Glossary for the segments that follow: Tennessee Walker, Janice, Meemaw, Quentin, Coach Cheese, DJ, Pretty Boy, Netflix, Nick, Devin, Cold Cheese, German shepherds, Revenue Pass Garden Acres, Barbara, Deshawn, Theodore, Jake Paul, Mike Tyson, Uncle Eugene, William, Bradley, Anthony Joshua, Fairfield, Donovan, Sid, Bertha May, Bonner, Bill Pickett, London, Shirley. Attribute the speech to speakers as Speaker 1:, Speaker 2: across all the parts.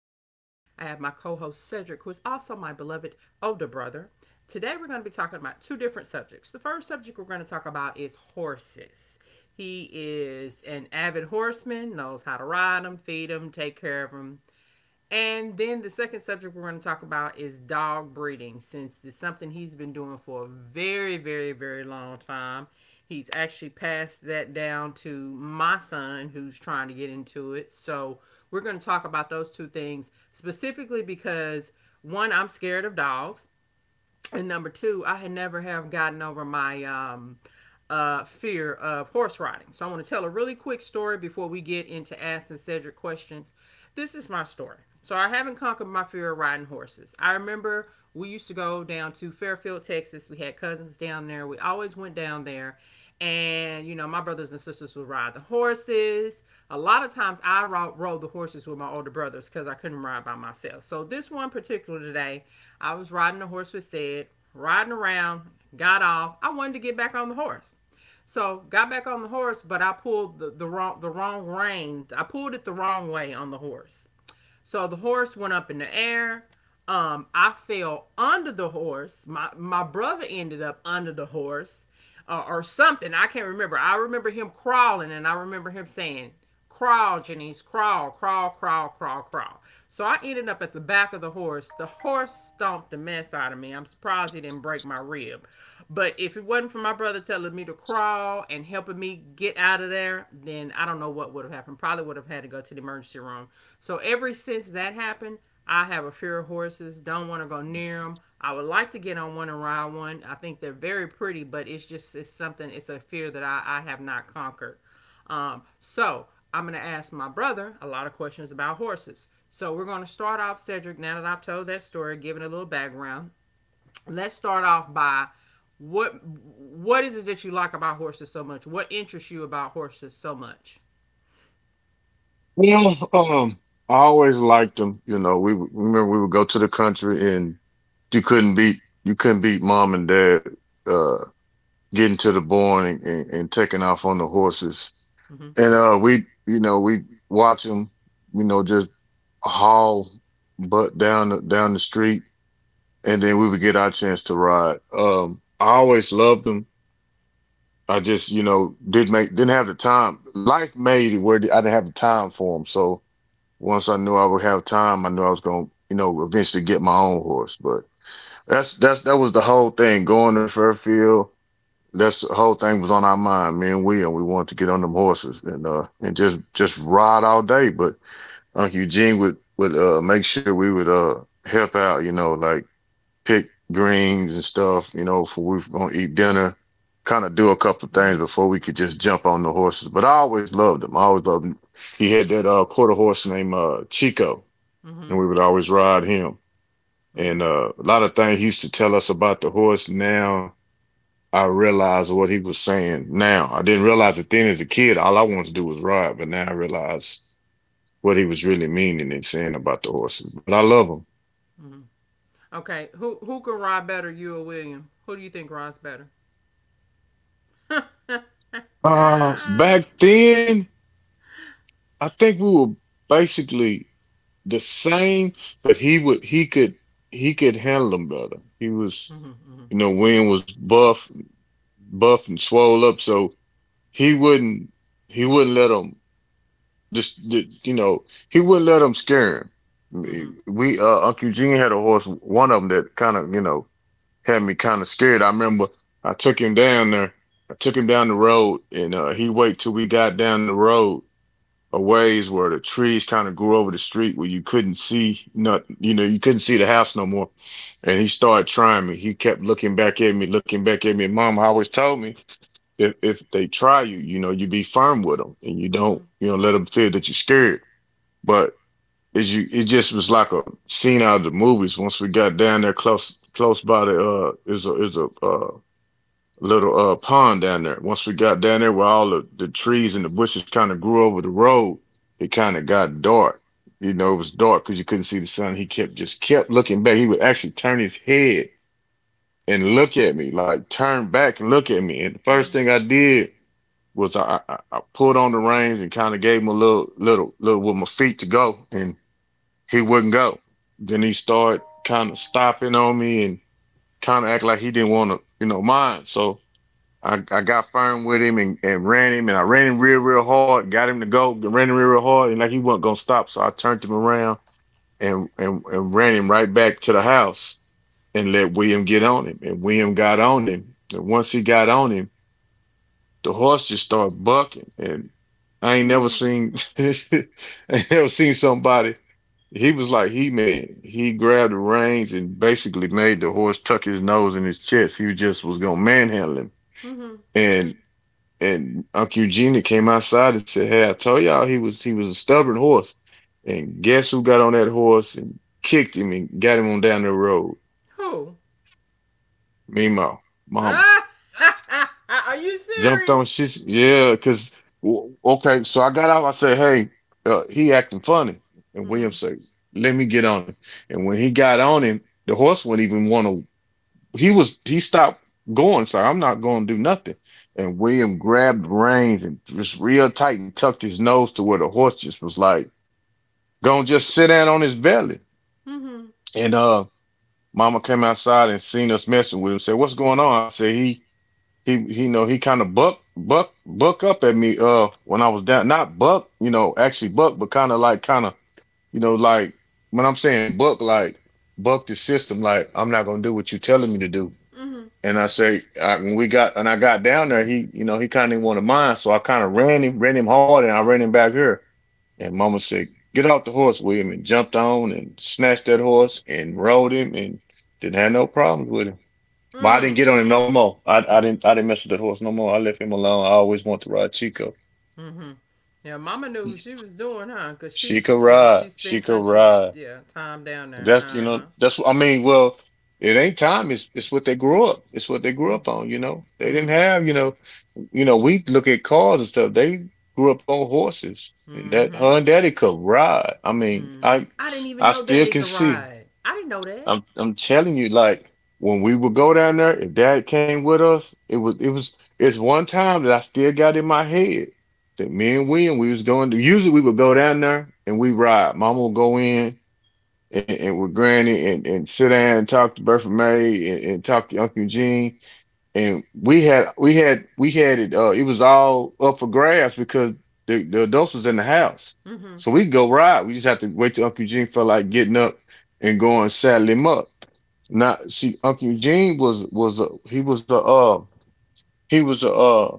Speaker 1: I have my co host Cedric, who is also my beloved older brother. Today, we're going to be talking about two different subjects. The first subject we're going to talk about is horses. He is an avid horseman, knows how to ride them, feed them, take care of them, and then the second subject we're going to talk about is dog breeding, since it's something he's been doing for a very, very, very long time. He's actually passed that down to my son, who's trying to get into it. So we're going to talk about those two things specifically because, one, I'm scared of dogs, and number two, I had never have gotten over my fear of horse riding. So I want to tell a really quick story before we get into asking Cedric questions. This is my story. So I haven't conquered my fear of riding horses. I remember we used to go down to Fairfield, Texas. We had cousins down there. We always went down there. And, you know, my brothers and sisters would ride the horses. A lot of times I rode the horses with my older brothers because I couldn't ride by myself. So this one particular today, I was riding the horse with Sid, riding around, got off. I wanted to get back on the horse. So got back on the horse, but I pulled the wrong rein. I pulled it the wrong way on the horse. So the horse went up in the air. I fell under the horse. My brother ended up under the horse, or something. I can't remember. I remember him crawling, and I remember him saying, "Crawl, Janice, crawl, crawl, crawl, crawl, crawl." So I ended up at the back of the horse. The horse stomped the mess out of me. I'm surprised he didn't break my rib. But if it wasn't for my brother telling me to crawl and helping me get out of there, then I don't know what would have happened. Probably would have had to go to the emergency room. So ever since that happened, I have a fear of horses. Don't want to go near them. I would like to get on one and ride one. I think they're very pretty, but it's something. It's a fear that I have not conquered. So I'm gonna ask my brother a lot of questions about horses. So we're gonna start off, Cedric. Now that I've told that story, giving a little background, let's start off by, what is it that you like about horses so much? What interests you about horses so much?
Speaker 2: Well, I always liked them. You know, remember we would go to the country, and you couldn't beat you couldn't beat mom and dad uh, getting to the barn and taking off on the horses.
Speaker 1: Mm-hmm.
Speaker 2: And we, you know, we watch them, you know, just haul butt down down the street, and then we would get our chance to ride. I always loved them. I just, you know, didn't have the time. Life made it where I didn't have the time for them, so. Once I knew I would have time, I knew I was going to, you know, eventually get my own horse. But that was the whole thing going to Fairfield. That's the whole thing was on our mind, me and Will. We wanted to get on them horses and just ride all day. But Uncle Eugene would make sure we would help out, you know, like pick greens and stuff, you know, for we were gonna eat dinner, kind of do a couple of things
Speaker 1: Mm-hmm.
Speaker 2: before we could just jump on the horses. But I always loved him. I always loved him. He had that quarter horse named Chico,
Speaker 1: Mm-hmm.
Speaker 2: and we would always ride him.
Speaker 1: Mm-hmm.
Speaker 2: And a lot of things he used to tell us about the horse. Now I realize what he was saying. Now I didn't realize it then as a kid. All I wanted to do was ride, but now I realize what he was really meaning and saying about the horses. But I love them.
Speaker 1: Mm-hmm. Okay. Who can ride better, you or William? Who do you think rides better? Mm-hmm,
Speaker 2: Back then, I think we were basically the same, but he could handle them better. He was,
Speaker 1: mm-hmm,
Speaker 2: you know, Win was buff and swole up, so he wouldn't he wouldn't let him just you know, he wouldn't let them scare
Speaker 1: mm-hmm,
Speaker 2: him. We Uncle Gene, had a horse, one of them that kind of, you know, had me kind of scared. I remember I took him down there, I took him down the road, and he waited till we got down the road a ways where the trees kind of grew over the street where you couldn't see, not, you know, you couldn't see the house no more. And he started trying me. He kept looking back at me, looking back at me. And mom always told me if they try you, you know, you be firm with them and you
Speaker 1: mm-hmm,
Speaker 2: don't, you know, let them feel that you're scared. But it just was like a scene out of the movies. Once we got down there close by the is a little pond down there. Once we got down there where all the trees and the bushes kind of grew over the road, it kind of got dark. You know, it was dark because you couldn't see the sun. He kept just kept looking back. He would actually turn his head and look at me, like turn back and look at me. And the
Speaker 1: mm-hmm.
Speaker 2: first thing I did was I pulled on the reins and kind of gave him a little with my feet to go, and he wouldn't go. Then he started kind of stopping on me and kind of act like he didn't want to, you know, mind. So I got firm with him and ran him, and I ran him real, real hard, got him to go, ran him real, real hard, and like he wasn't gonna stop. So I turned him around and ran him right back to the house and let William get on him. And William got on him. And once he got on him, the horse just started bucking. And I ain't never
Speaker 1: Mhm.
Speaker 2: seen I ain't never seen somebody — he was like He Man. He grabbed the reins and basically made the horse tuck his nose in his chest. He just was gonna manhandle him.
Speaker 1: Mhm.
Speaker 2: And and Uncle Eugenia came outside and said, "Hey, I told y'all he was a stubborn horse." And guess who got on that horse and kicked him and got him on down the road?
Speaker 1: Who?
Speaker 2: Meanwhile, Mama
Speaker 1: Ah! Are you
Speaker 2: jumped on.
Speaker 1: serious?
Speaker 2: She's, yeah, cause okay. So I got out. I said, "Hey, he acting funny." And
Speaker 1: Mhm.
Speaker 2: William said, "Let me get on him." And when he got on him, the horse wouldn't even want to — he stopped going, so I'm not gonna do nothing. And William grabbed the reins and just real tight and tucked his nose to where the horse just was like, gonna just sit down on his belly.
Speaker 1: Mhm.
Speaker 2: And mama came outside and seen us messing with him, said, "What's going on?" I said, he, you know, he kind of buck up at me when I was down, not buck, you know, actually buck, but kind of like kind of, you know, like when I'm saying buck, like buck the system, like I'm not gonna do what you are telling me to do,
Speaker 1: Mhm.
Speaker 2: and I say, when we got, and I got down there, he, you know, he kind of wanted mine. So I kind of ran him hard, and I ran him back here." And mama said, "Get off the horse, William," and jumped on and snatched that horse and rode him and didn't have no problems with him. But I
Speaker 1: Mm.
Speaker 2: didn't get on him no more. I didn't mess with that horse no more. I left him alone. I always want to ride Chico.
Speaker 1: Mhm. Yeah, Mama knew what she was doing, huh? Cause she,
Speaker 2: She could
Speaker 1: you know,
Speaker 2: ride.
Speaker 1: she
Speaker 2: She
Speaker 1: spent
Speaker 2: could
Speaker 1: countries,
Speaker 2: ride.
Speaker 1: yeah, time down there.
Speaker 2: That's, you
Speaker 1: Uh
Speaker 2: know,
Speaker 1: huh.
Speaker 2: that's, what I mean, well, it ain't time. It's what they grew up. It's what they grew up on, you know. They didn't
Speaker 1: Mhm.
Speaker 2: have, you know, we look at cars and stuff. They grew up on horses, and that her
Speaker 1: Mhm.
Speaker 2: and daddy could ride.
Speaker 1: Mm-hmm. I didn't even
Speaker 2: I
Speaker 1: know
Speaker 2: still
Speaker 1: Daddy
Speaker 2: can
Speaker 1: could
Speaker 2: see.
Speaker 1: ride. I didn't know that.
Speaker 2: I'm telling you, like when we would go down there, if dad came with us, it's one time that I still got in my head that me and William we was going to — usually we would go down there and we ride. Mama would go in and with granny and sit down and talk to Bertha May and talk to Uncle Eugene, and we had it, it was all up for grabs because the adults was in the house,
Speaker 1: Mm-hmm.
Speaker 2: so we could go ride, we just have to wait till Uncle Eugene felt like getting up and going saddle him up. Now see, Uncle Eugene was a he was a he was a, uh,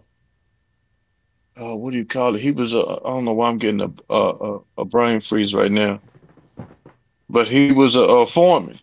Speaker 2: uh what do you call it, he was a, I don't know why I'm getting a brain freeze right now, but he was a foreman,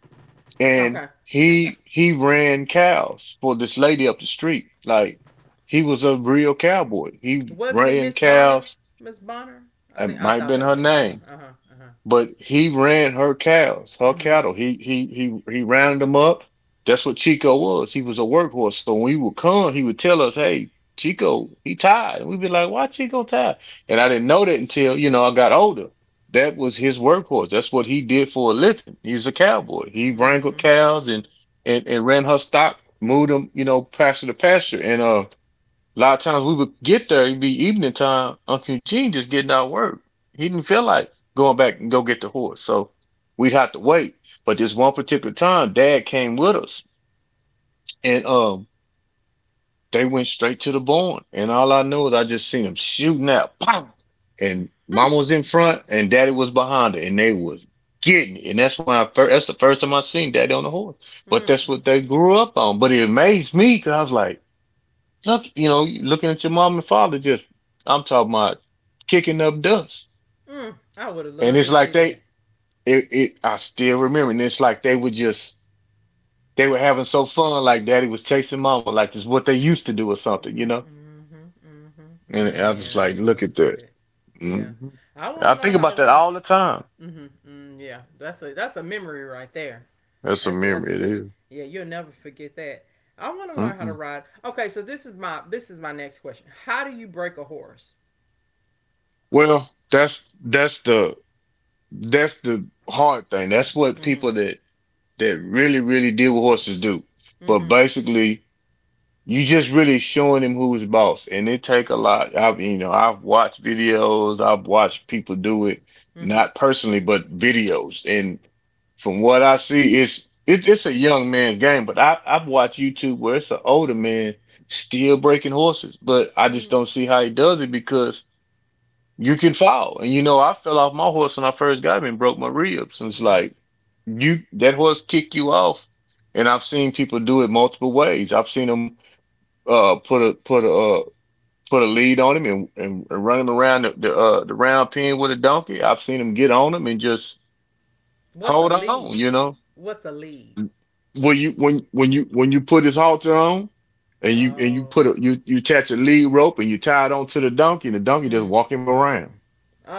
Speaker 2: and
Speaker 1: Okay.
Speaker 2: he ran cows for this lady up the street. Like, he was a real cowboy. He
Speaker 1: Wasn't it
Speaker 2: ran
Speaker 1: Miss Bonner?
Speaker 2: cows.
Speaker 1: Miss Bonner? I
Speaker 2: It
Speaker 1: think
Speaker 2: might
Speaker 1: I
Speaker 2: have
Speaker 1: thought
Speaker 2: been
Speaker 1: that
Speaker 2: her
Speaker 1: was an, uh
Speaker 2: name,
Speaker 1: huh, uh huh, uh huh.
Speaker 2: but he ran her cows, her
Speaker 1: Mm-hmm.
Speaker 2: cattle. He rounded them up. That's what Chico was. He was a workhorse. So when he would come, he would tell us, "Hey, Chico, he tired." And we'd be like, "Why Chico tired?" And I didn't know that until, you know, I got older. That was his workhorse. That's what he did for a living. He's a cowboy. He wrangled
Speaker 1: Mm-hmm.
Speaker 2: cows, and ran her stock, moved them, you know, pasture to pasture. And a lot of times we would get there, it'd be evening time. Uncle Eugene just getting out of work. He didn't feel like going back and go get the horse. So we'd have to wait. But this one particular time, dad came with us and they went straight to the barn. And all I know is I just seen them shooting out. Pow! And mama was in front and daddy was behind her, and they was getting it. And that's when I first — that's the first time I seen daddy on the horse. But that's what
Speaker 1: Mm-hmm.
Speaker 2: they grew up on. But it amazed me because I was like, look, you know, looking at your mom and father, just — I'm talking about kicking up dust,
Speaker 1: Mm. I would have
Speaker 2: and
Speaker 1: loved
Speaker 2: it's
Speaker 1: to
Speaker 2: like
Speaker 1: see
Speaker 2: they,
Speaker 1: that.
Speaker 2: it — I still remember, and it's like they were just — they were having so fun, like daddy was chasing mama, like it's what they used to do or something, you
Speaker 1: Mm-hmm,
Speaker 2: know.
Speaker 1: mm-hmm, mm-hmm.
Speaker 2: And I was
Speaker 1: Man, I
Speaker 2: like,
Speaker 1: would have
Speaker 2: look
Speaker 1: loved to
Speaker 2: at
Speaker 1: see
Speaker 2: that.
Speaker 1: that.
Speaker 2: hmm
Speaker 1: Yeah, I
Speaker 2: I
Speaker 1: want to
Speaker 2: think
Speaker 1: learn how to
Speaker 2: about that
Speaker 1: ride.
Speaker 2: all the time.
Speaker 1: Mm-hmm, mm, yeah, that's a memory right there.
Speaker 2: That's a
Speaker 1: That's a, that's
Speaker 2: memory.
Speaker 1: a
Speaker 2: It
Speaker 1: good.
Speaker 2: is.
Speaker 1: Yeah, you'll never forget that. I want to learn how to
Speaker 2: Mm-mm.
Speaker 1: ride. Okay, so this is my next question. How do you break a horse?
Speaker 2: Well, that's the hard thing. That's what
Speaker 1: Mm-hmm.
Speaker 2: people that really really deal with horses do. But
Speaker 1: Mm-hmm.
Speaker 2: basically, you just really showing him who's boss, and it take a lot. I've you know I've watched videos, I've watched people do it,
Speaker 1: Mm-hmm.
Speaker 2: not personally, but videos. And from what I see, it's a young man's game. But I've watched YouTube where it's an older man still breaking horses, but I
Speaker 1: Mm-hmm.
Speaker 2: just don't see how he does it because you can fall. And you know I fell off my horse when I first got him and broke my ribs. And it's
Speaker 1: Mm-hmm.
Speaker 2: like you that horse kick you off, and I've seen people do it multiple ways. I've seen them uh put a put a uh, put a lead on him and, and run him around the round pen with a donkey. I've seen him get on him and just
Speaker 1: What's a
Speaker 2: hold on,
Speaker 1: lead?
Speaker 2: you know.
Speaker 1: What's a lead?
Speaker 2: When you put his halter on and you
Speaker 1: Oh.
Speaker 2: put a you attach a lead rope and you tie it onto the donkey and the donkey just
Speaker 1: Mm.
Speaker 2: walk him around.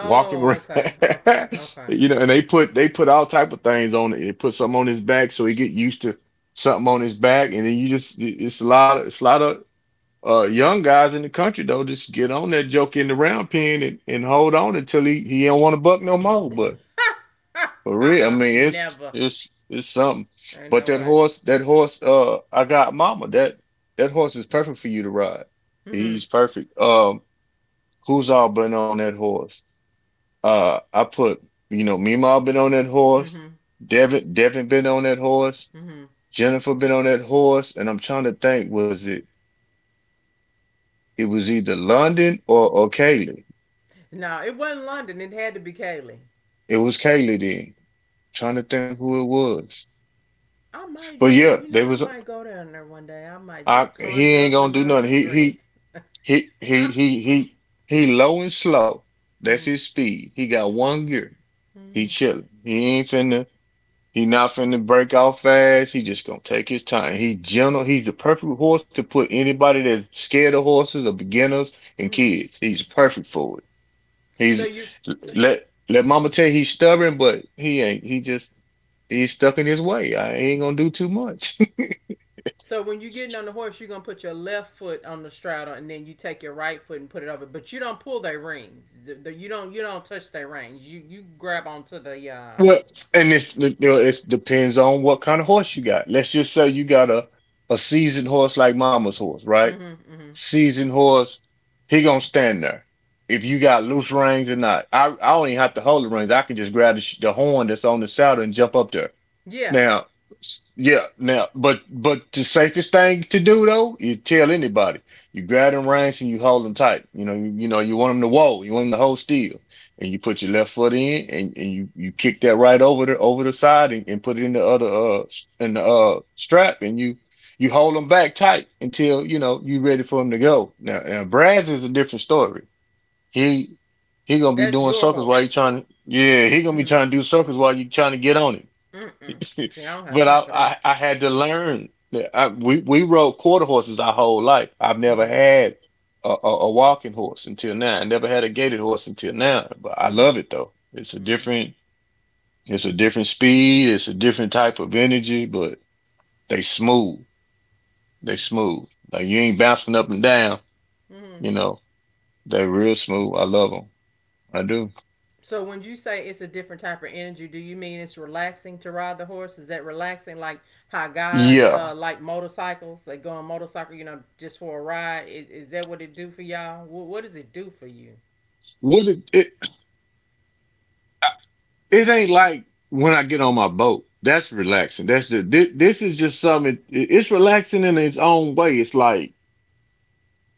Speaker 2: Walk him around.
Speaker 1: okay. Okay. Okay.
Speaker 2: And
Speaker 1: Mm.
Speaker 2: they put all type of things on it. They put something on his back so he get used to something on his back and then you just it's a lot of it's a lot of young guys in the country though just get on that joke in the round pen and, hold on until he don't want to buck no more. But for real,
Speaker 1: Uh-uh.
Speaker 2: I mean it's
Speaker 1: Never.
Speaker 2: it's it's something.
Speaker 1: Ain't
Speaker 2: But
Speaker 1: no
Speaker 2: that
Speaker 1: way.
Speaker 2: horse, that horse, uh, I got mama. That horse is perfect for you to ride.
Speaker 1: Mm-hmm.
Speaker 2: He's perfect. Who's all been on that horse? I put Meemaw been on that horse.
Speaker 1: Mm-hmm.
Speaker 2: Devin been on that horse.
Speaker 1: Mm-hmm.
Speaker 2: Jennifer been on that horse, and I'm trying to think was it was either London or Kaylee.
Speaker 1: No, it wasn't London. It had to be Kaylee.
Speaker 2: It was Kaylee then. I'm trying to think who it was.
Speaker 1: I might
Speaker 2: But
Speaker 1: do it.
Speaker 2: yeah,
Speaker 1: You know,
Speaker 2: there
Speaker 1: I
Speaker 2: was
Speaker 1: might go down there one day. I might
Speaker 2: I
Speaker 1: just
Speaker 2: he
Speaker 1: conjure
Speaker 2: ain't
Speaker 1: up
Speaker 2: gonna do
Speaker 1: enough
Speaker 2: nothing.
Speaker 1: strength.
Speaker 2: He he he he he low and slow. That's his
Speaker 1: Mm-hmm.
Speaker 2: speed. He got one gear. He
Speaker 1: Mm-hmm.
Speaker 2: chilling. He not finna break off fast. He just gonna take his time. He gentle. He's the perfect horse to put anybody that's scared of horses or beginners and
Speaker 1: Mm-hmm.
Speaker 2: kids. He's perfect for it.
Speaker 1: So
Speaker 2: He's
Speaker 1: you, mm-hmm.
Speaker 2: let let mama tell you he's stubborn, but he ain't. He's stuck in his way. I ain't gonna do too much.
Speaker 1: So when you're getting on the horse, you're gonna put your left foot on the straddle, and then you take your right foot and put it over. But you don't pull their reins. You don't. You don't touch their reins. You grab onto the.
Speaker 2: Well, and it depends on what kind of horse you got. Let's just say you got a seasoned horse like Mama's horse, right?
Speaker 1: Mm-hmm, mm-hmm.
Speaker 2: Seasoned horse, he gonna stand there. If you got loose reins or not, I don't even have to hold the reins. I can just grab the horn that's on the saddle and jump up there.
Speaker 1: Yeah,
Speaker 2: Now, yeah, now, but the safest thing to do though is tell anybody. You grab them reins and you hold them tight. You know, you want them to whoa, you want them to hold still, and you put your left foot in and you kick that right over the side and, put it in the other s- in the strap and you hold them back tight until you know you ready for them to go. Now, Braz is a different story. He he gonna be
Speaker 1: that's
Speaker 2: doing
Speaker 1: your
Speaker 2: circles while you
Speaker 1: horse.
Speaker 2: trying to, yeah, he gonna be
Speaker 1: Mm-hmm.
Speaker 2: trying to do circles while you trying to get on it.
Speaker 1: Mm-mm. See, I don't have
Speaker 2: But I,
Speaker 1: time for that.
Speaker 2: I, I had to learn. Yeah, I, we rode quarter horses our whole life. I've never
Speaker 1: Mm-hmm.
Speaker 2: had a walking horse until now. I never had a gated horse until now. But I love it
Speaker 1: Mm-hmm.
Speaker 2: though. It's a different speed. It's a different type of energy. But they smooth. They
Speaker 1: Mm-hmm.
Speaker 2: smooth. Like you ain't bouncing up and down.
Speaker 1: Mm-hmm.
Speaker 2: You know they're real smooth. I love them. I do.
Speaker 1: So when you say it's a different type of energy, do you mean it's relaxing to ride the horse? Is that relaxing like how guys
Speaker 2: Yeah.
Speaker 1: like motorcycles? They go on motorcycle, you know, just for a ride. Is that what it do for y'all? What does it do for you?
Speaker 2: What it ain't like when I get on my boat. That's relaxing. This is just something. It's relaxing in its own way. It's like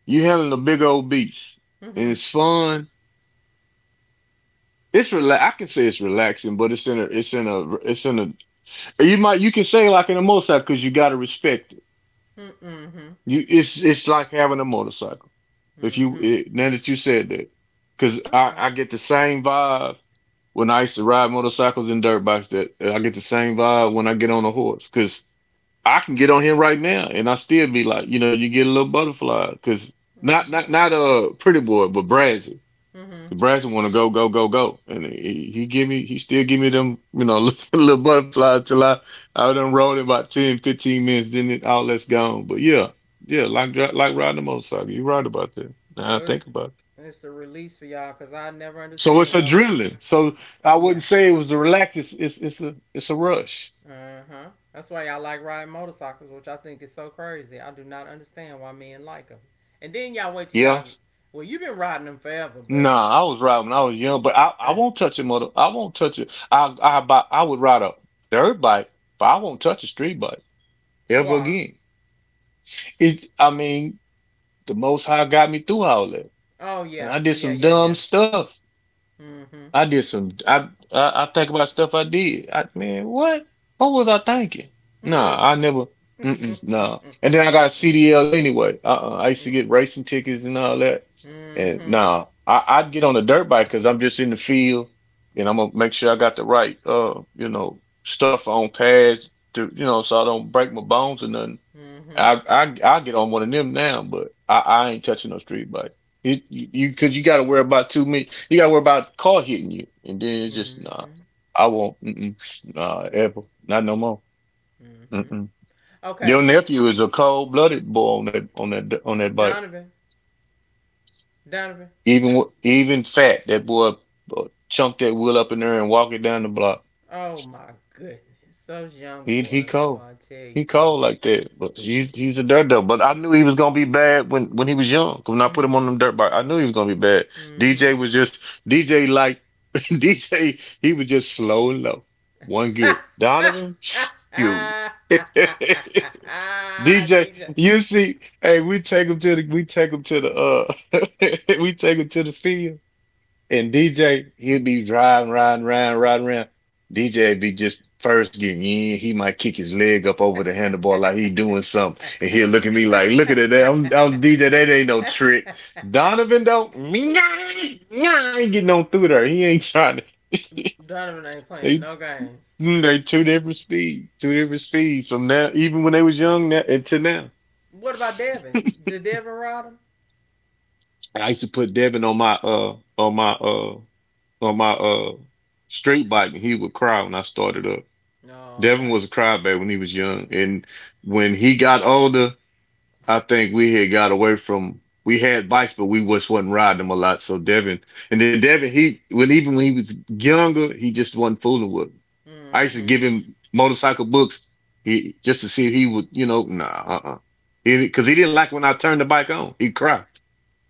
Speaker 2: you handling a big old beach
Speaker 1: Mm-hmm.
Speaker 2: and it's fun. It's relax. I can say it's relaxing, but it's in a, it's in a, it's in a. You can say like in a motorcycle because you got to respect it.
Speaker 1: Mm-hmm.
Speaker 2: It's like having a motorcycle. If you,
Speaker 1: Mm-hmm.
Speaker 2: it, now that you said that, because I,
Speaker 1: Okay.
Speaker 2: I get the same vibe when I used to ride motorcycles and dirt bikes that I get the same vibe when I get on a horse. Because I can get on him right now, and I still be like, you know, you get a little butterfly because not
Speaker 1: Mm-hmm.
Speaker 2: not not uh pretty boy, but Brazen.
Speaker 1: Mm-hmm.
Speaker 2: The Brazen want to go go go go, and he still give me them little butterflies till I done rolled it about 10, 15 minutes, then it all that's gone. But yeah, yeah, like like riding a motorcycle, you right about that. Now I
Speaker 1: So it's
Speaker 2: think about it.
Speaker 1: it's a release for y'all because I never
Speaker 2: So it's
Speaker 1: understand what.
Speaker 2: adrenaline. So I
Speaker 1: Yeah.
Speaker 2: wouldn't say it was a relax. It's a rush.
Speaker 1: Mm-hmm. That's why y'all like riding motorcycles, which I think is so crazy. I do not understand why men like them. And then y'all wait till
Speaker 2: Yeah.
Speaker 1: y'all. Well, you've been riding them forever, but
Speaker 2: Nah, I was riding when I was young, but I
Speaker 1: uh,
Speaker 2: won't touch it, mother. I won't touch it. I would ride a dirt bike, but I won't touch a street bike ever
Speaker 1: why?
Speaker 2: again. I mean, the Most High got me through all that,
Speaker 1: Oh, yeah,
Speaker 2: and I did
Speaker 1: yeah,
Speaker 2: some
Speaker 1: yeah, yeah.
Speaker 2: dumb stuff.
Speaker 1: Mm-hmm.
Speaker 2: I did some. I think about stuff I did. I Man, what? What was I thinking? Nah, I never. Mm-mm, nah. And then I
Speaker 1: Mm-hmm.
Speaker 2: got a CDL anyway. Uh-uh. I used to get racing tickets and all that. And
Speaker 1: Mm-hmm.
Speaker 2: nah, I'd get on a dirt bike because I'm just in the field, and I'm gonna make sure I got the right stuff on pads to so I don't break my bones or nothing.
Speaker 1: Mm-hmm.
Speaker 2: I get on one of them now, but I ain't touching no street bike. You because you got to worry about too many. You got to worry about car hitting you, and then it's just nah.
Speaker 1: Mm-hmm.
Speaker 2: I won't. Mm-mm, nah, ever. Not no more.
Speaker 1: Mm-hmm.
Speaker 2: Mm-mm.
Speaker 1: Okay,
Speaker 2: Your
Speaker 1: so
Speaker 2: nephew is a cold blooded boy on that bike.
Speaker 1: Donovan, Donovan.
Speaker 2: Even fat, that boy uh, chunk that wheel up in there and walk it down the block.
Speaker 1: Oh my goodness, those young
Speaker 2: He
Speaker 1: boys, boy,
Speaker 2: cold.
Speaker 1: I tell you,
Speaker 2: He
Speaker 1: boy.
Speaker 2: cold like that. But he's a dirt devil. But I knew he was gonna be bad when he was young. When I put
Speaker 1: Mm-hmm.
Speaker 2: him on them dirt bike, I knew he was gonna be bad.
Speaker 1: Mm-hmm.
Speaker 2: DJ was just DJ like DJ. He was just slow and low. One gear. Donovan, shoot. DJ,
Speaker 1: DJ.
Speaker 2: you see, hey, we take him to the we take him to the we take him to the field. And DJ, he'd be driving, riding, around, riding around. DJ be just first getting in. He might kick his leg up over the handlebar like he doing something. And he'll look at me like, look at it. I'm DJ. That ain't no trick. Donovan, though, nah, nah, I ain't getting on through there. He ain't trying to.
Speaker 1: Donovan ain't playing
Speaker 2: They,
Speaker 1: no games.
Speaker 2: they two different speeds. Two different speeds from now, even when they was young now, until now.
Speaker 1: What about Devin? Did Devin ride him?
Speaker 2: I used to put Devin on my, street bike and he would cry when I started up.
Speaker 1: No,
Speaker 2: Devin
Speaker 1: okay.
Speaker 2: was a crybaby when he was young, and when he got older, I think we had got away from. We had bikes, but we just wasn't riding them a lot. And then Devin, he when even when he was younger, he just wasn't fooling with 'em. I used to
Speaker 1: Mm-hmm.
Speaker 2: give him motorcycle books, he just to see if he would, you know, nah, because he, didn't like when I turned the bike on, he'd cry.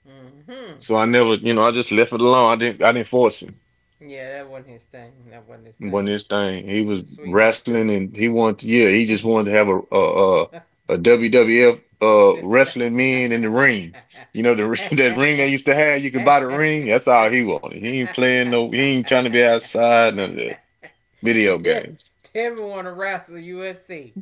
Speaker 1: Mm-hmm.
Speaker 2: So I never, I just left it alone. I didn't force him.
Speaker 1: Yeah, that wasn't his thing. That wasn't his
Speaker 2: When
Speaker 1: thing.
Speaker 2: this thing. He
Speaker 1: He's a
Speaker 2: was
Speaker 1: sweetheart too.
Speaker 2: wrestling and he wanted, yeah, he just wanted to have a
Speaker 1: He's
Speaker 2: WWF
Speaker 1: he
Speaker 2: wrestling men in the ring. You know the that ring
Speaker 1: right.
Speaker 2: they used to have. You could buy the ring. That's all he wanted. He ain't playing no. He ain't trying to be outside none of that video
Speaker 1: Did
Speaker 2: games.
Speaker 1: Devin want to wrestle UFC?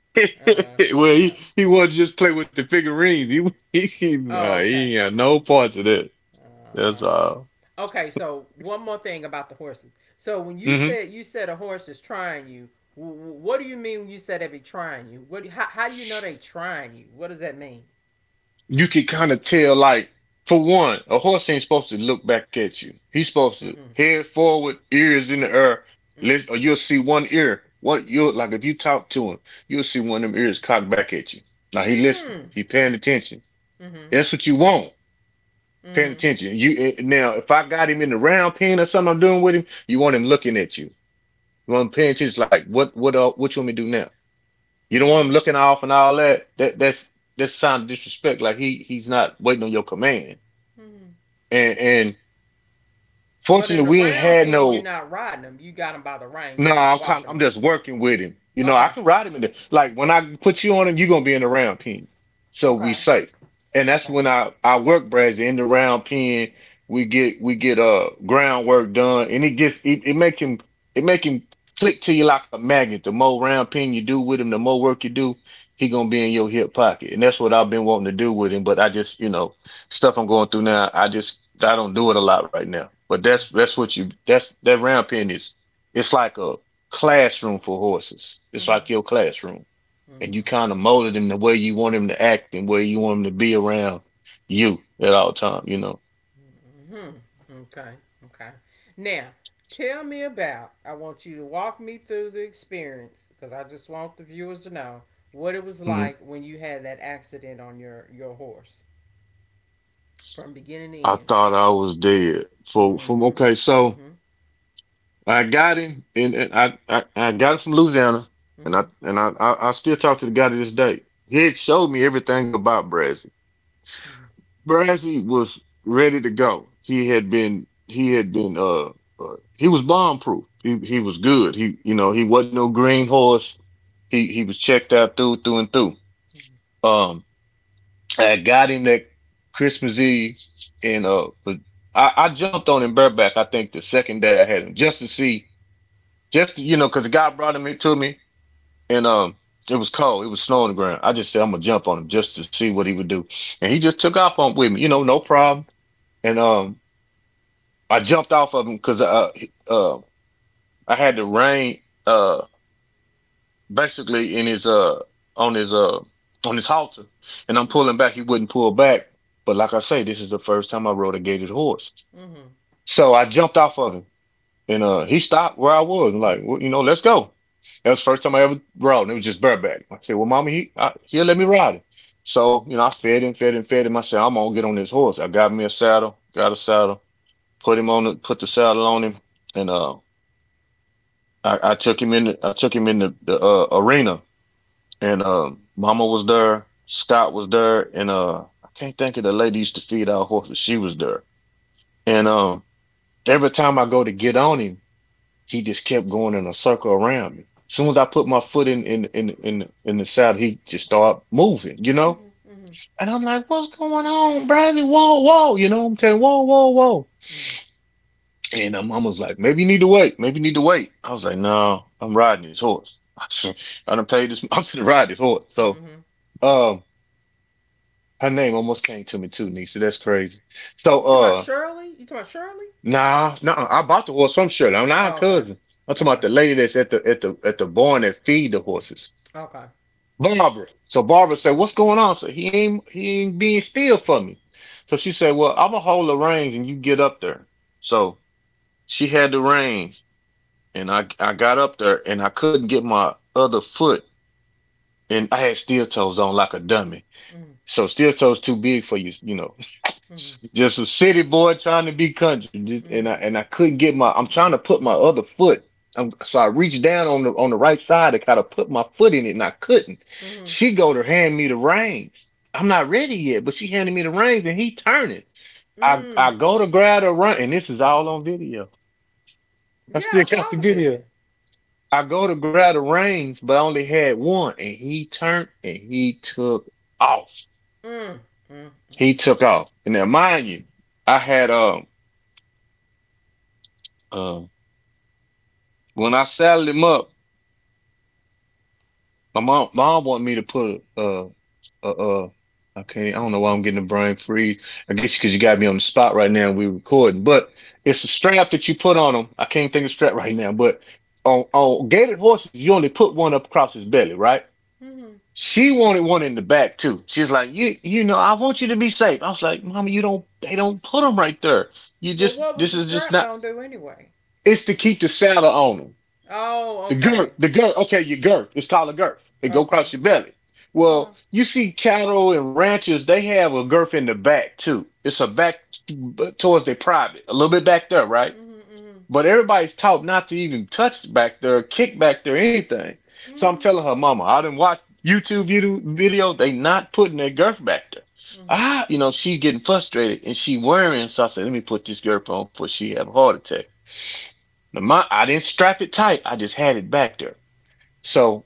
Speaker 1: Uh,
Speaker 2: Well,
Speaker 1: uh,
Speaker 2: he wanted to just play with the figurines. He
Speaker 1: oh,
Speaker 2: nah,
Speaker 1: okay.
Speaker 2: he ain't got no parts of that.
Speaker 1: Uh
Speaker 2: That's
Speaker 1: huh.
Speaker 2: all.
Speaker 1: Okay, so one more thing about the horses. So when you
Speaker 2: Mm-hmm.
Speaker 1: said you said a horse is trying you, what do you mean when you said they be trying you? What? How do you know they trying you? What does that mean?
Speaker 2: You can kind of tell, like, for one, a horse ain't supposed to look back at you. He's supposed to
Speaker 1: Mm-hmm.
Speaker 2: head forward, ears in the air.
Speaker 1: Mm-hmm.
Speaker 2: Or you'll see one ear, what you'll like if you talk to him, you'll see one of them ears cocked back at you. Now he listening,
Speaker 1: Mm.
Speaker 2: he paying attention.
Speaker 1: Mm-hmm.
Speaker 2: That's what you want.
Speaker 1: Mm
Speaker 2: Paying
Speaker 1: hmm.
Speaker 2: attention. Now if I got him in the round pen or something I'm doing with him, you want him looking at you. You want him paying attention, like, what you want me to do now. You don't want him
Speaker 1: Mm-hmm.
Speaker 2: looking off and all that. That's that sign of disrespect, like he's not waiting on your command.
Speaker 1: Mm-hmm.
Speaker 2: And
Speaker 1: But in
Speaker 2: fortunately
Speaker 1: the
Speaker 2: we ain't
Speaker 1: round
Speaker 2: had
Speaker 1: pen, you're
Speaker 2: no.
Speaker 1: not riding them. You got them by the reins.
Speaker 2: No,
Speaker 1: You're just
Speaker 2: I'm kind.
Speaker 1: walking
Speaker 2: I'm
Speaker 1: them.
Speaker 2: just working with him. You know, I
Speaker 1: Okay.
Speaker 2: can ride him in there. Like when I put you on him, you're gonna be in the round pen, so we
Speaker 1: Okay.
Speaker 2: safe. And that's
Speaker 1: Okay.
Speaker 2: when I work Brad's in the round pen. We get groundwork done, and it make him click to you like a magnet. The more round pin you do with him, the more work you do, he gonna be in your hip pocket. And that's what I've been wanting to do with him. But I just, stuff I'm going through now. I don't do it a lot right now. But that's what you that's that round pin is, it's like a classroom for horses. It's
Speaker 1: Mm-hmm.
Speaker 2: like your classroom. And you
Speaker 1: Mm-hmm.
Speaker 2: kind of molded him the way you want him to act and where you want him to be around you at all time.
Speaker 1: Mm-hmm. Mm-hmm. Okay. Okay. Now, tell me about. I want you to walk me through the experience because I just want the viewers to know what it was
Speaker 2: Mm,
Speaker 1: like when you had that accident on your horse from beginning to
Speaker 2: I
Speaker 1: end.
Speaker 2: thought I was dead. For from Okay,
Speaker 1: Mm-hmm.
Speaker 2: so
Speaker 1: Mm-hmm.
Speaker 2: I got him, and I got him from Louisiana, and I
Speaker 1: Mm-hmm.
Speaker 2: and I, I I still talk to the guy to this day. He had showed me everything about Brad.
Speaker 1: Mm-hmm.
Speaker 2: Brassy was ready to go. He had been he had been He was bomb proof. He was good. He you know he wasn't no green horse. He was checked out through through and through. Um, I got him that Christmas Eve, and but I jumped on him bareback. I think the second day I had him, just to see, just to, because the guy brought him to me. And It was cold. It was snow on the ground. I just said I'm gonna jump on him just to see what he would do, and he just took off on with me. You know, no problem. And I jumped off of him because I had the rein, basically in his on his on his halter, and I'm
Speaker 1: Mm-hmm.
Speaker 2: pulling back. He wouldn't pull back, but like I say, this is the first time I rode a gated horse.
Speaker 1: Mm-hmm. Mm-hmm.
Speaker 2: So I jumped off of him, and he stopped where I was, and, like, well, you know, let's go. That was the first time I ever rode, and it was just bareback. I said, "Well, Mommy, he'll let me ride it." So, you know, I fed him, fed him, fed him. I said, "I'm gonna get on this horse." I got me a saddle, got a saddle, put the saddle on him, and. I took him in the arena, and Mama was there, Scott was there, and I can't think of the lady used to feed our horses. She was there, and every time I go to get on him, he just kept going in a circle around me. As soon as I put my foot in the saddle, he just started moving, you know.
Speaker 1: Mm-hmm.
Speaker 2: And I'm like, "What's going on, Bradley? Whoa, whoa!" You know, I'm telling, "Whoa, whoa, whoa!"
Speaker 1: Mm-hmm.
Speaker 2: And my mom was like, maybe you need to wait. Maybe you need to wait. I was like, no, I'm riding this horse. I done paid this. I'm gonna ride this horse. So,
Speaker 1: Mm-hmm. You
Speaker 2: um, her name almost came to me too, Nisa. That's crazy. So,
Speaker 1: talking about Shirley? You talking about Shirley?
Speaker 2: nah, nah. I bought the horse from Shirley. I'm not her
Speaker 1: Oh, okay.
Speaker 2: cousin. I'm talking
Speaker 1: Okay.
Speaker 2: about the lady that's at the barn that feed the horses,
Speaker 1: Okay.
Speaker 2: Barbara. So Barbara said, "What's going on?" So he ain't being still for me. So she said, "Well, I'm gonna hold the reins and you get up there." So she had the reins, and I got up there, and I couldn't get my other foot, and I had steel toes on like a dummy.
Speaker 1: Mm.
Speaker 2: So steel toes too big for you, you know.
Speaker 1: Mm-hmm.
Speaker 2: Just a city boy trying to be country, just, and
Speaker 1: Mm-hmm.
Speaker 2: I and I couldn't get my. I'm trying to put my other foot. I so I reached down on the right side to kind of put my foot in it, and I couldn't.
Speaker 1: Mm-hmm.
Speaker 2: She go to hand me the reins. I'm not ready yet, but she handed me the reins, and he turning. I
Speaker 1: Mm.
Speaker 2: go to grab the run, and this is all on video. I
Speaker 1: Yeah, I
Speaker 2: still
Speaker 1: saw
Speaker 2: got
Speaker 1: the
Speaker 2: the
Speaker 1: video.
Speaker 2: video. I go to grab the reins, but I only had one, and he turned and he took off.
Speaker 1: Mm. Mm. Mm.
Speaker 2: He took off. And now, mind you, I had uh when I saddled him up, my mom wanted me to put a uh uh I don't know why I'm getting a brain freeze. I guess because you got me on the spot right now and we're recording, but it's a strap that you put on him. I can't think of the strap right now, but on gated horses, you only put one up across his belly, right?
Speaker 1: Mm-hmm.
Speaker 2: She wanted one in the back too. She's like, I want you to be safe. I was like, Mama, you don't, they don't put them right there. You
Speaker 1: Well, what
Speaker 2: just,
Speaker 1: was
Speaker 2: this
Speaker 1: the
Speaker 2: is just
Speaker 1: strap
Speaker 2: not.
Speaker 1: gonna do anyway?
Speaker 2: It's to keep the saddle on them.
Speaker 1: Oh,
Speaker 2: The girth,
Speaker 1: okay.
Speaker 2: the girth. Okay, your girth. It's called a girth. It go
Speaker 1: Okay.
Speaker 2: across your belly.
Speaker 1: Oh.
Speaker 2: Well, you see, cattle and ranchers, they have a girth in the back too. It's a back towards their private, a little bit back there, right?
Speaker 1: Mm-hmm. Mm-hmm.
Speaker 2: But everybody's taught not to even touch back there, kick back there, anything. So I'm
Speaker 1: Mm-hmm.
Speaker 2: telling her, Mama, I didn't watch YouTube video. They not putting their girth back there.
Speaker 1: Mm.
Speaker 2: Ah, you know, she getting frustrated and she worrying. So I said, let me put this girth on before she have a heart attack. Now, I didn't strap it tight. I just had it back there. So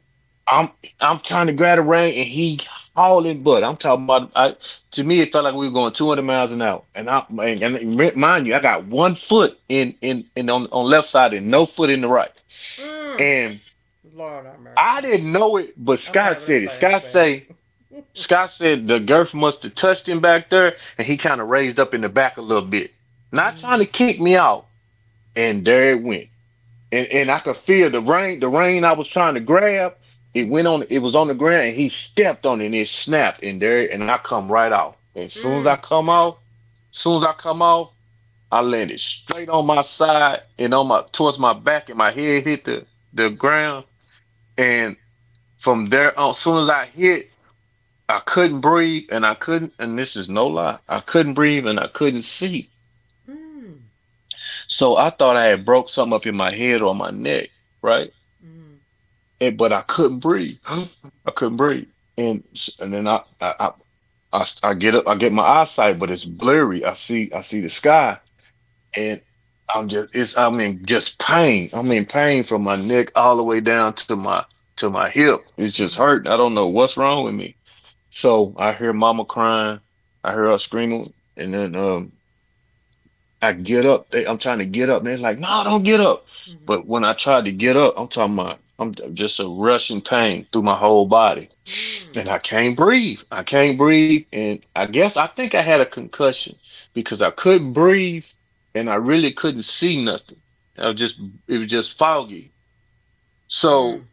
Speaker 2: I'm I'm trying to grab the rein and he hauling butt. I'm talking about, I to me it felt like we were going 200 miles an hour. And I and re- Mind you, I got one foot on left side and no foot in the right.
Speaker 1: Mm.
Speaker 2: And
Speaker 1: Lord have mercy.
Speaker 2: I didn't know it, but
Speaker 1: I'm
Speaker 2: Scott
Speaker 1: having a
Speaker 2: said it.
Speaker 1: flashback.
Speaker 2: Scott said the girth must have touched him back there, and he kind of raised up in the back a little bit. Not
Speaker 1: Mm.
Speaker 2: trying to kick me out. And there it went. And I could feel the rain. The rain I was trying to grab, it
Speaker 1: Mm.
Speaker 2: went on. It was on the ground, and he stepped on it, and it snapped. And there, and I come right out. And As soon as I
Speaker 1: Mm.
Speaker 2: come out, as soon as I come off, I landed straight on my side and on my towards my back, and my head hit the ground. And from there on, as soon as I hit, I couldn't breathe, and I couldn't. And this is no lie, I couldn't breathe, and I couldn't see.
Speaker 1: Mm. Mm. Mhm.
Speaker 2: So I thought I had broke something up in my head or my neck, right? and but I couldn't breathe. I couldn't breathe, and then I get up, I get my eyesight, but it's blurry. I see the sky, and I'm in just pain. I'm in pain from my neck all the way down to my hip. It's just
Speaker 1: Mhm.
Speaker 2: hurting. I don't know what's wrong with me. So I hear Mama crying. I hear her screaming, and then I get up. I'm trying to get up. And they're like, no, don't get up.
Speaker 1: Mm.
Speaker 2: But when I tried to get up, I'm talking about, just a rushing pain through my whole body.
Speaker 1: Mm.
Speaker 2: And I can't breathe. I can't breathe. And I think I had a concussion because I couldn't breathe and I really couldn't see nothing. I was just, it was just foggy.
Speaker 1: Mm.
Speaker 2: So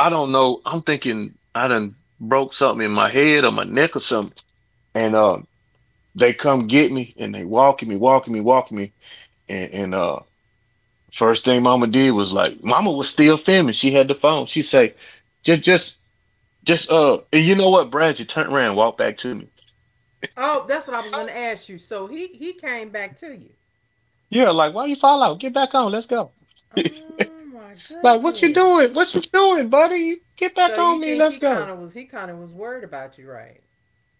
Speaker 2: I don't know. I'm thinking I done broke something in my head or my neck or something. And they come get me, and they walking me, walking me, walking me and First thing Mama did was like, Mama was still filming. She had the phone. She say, just, just, and you know what, Brad? You turned around and walked back to me.
Speaker 1: Oh, that's what I was going to ask you. So he came back to you.
Speaker 2: Yeah, like, why you fall out? Get back on. Let's go.
Speaker 1: Oh my
Speaker 2: Like, what you
Speaker 1: goodness.
Speaker 2: doing? What you doing, buddy? You get
Speaker 1: So
Speaker 2: back
Speaker 1: you
Speaker 2: on me.
Speaker 1: think
Speaker 2: Let's
Speaker 1: he
Speaker 2: go.
Speaker 1: kind of was he kind of was worried about you, right?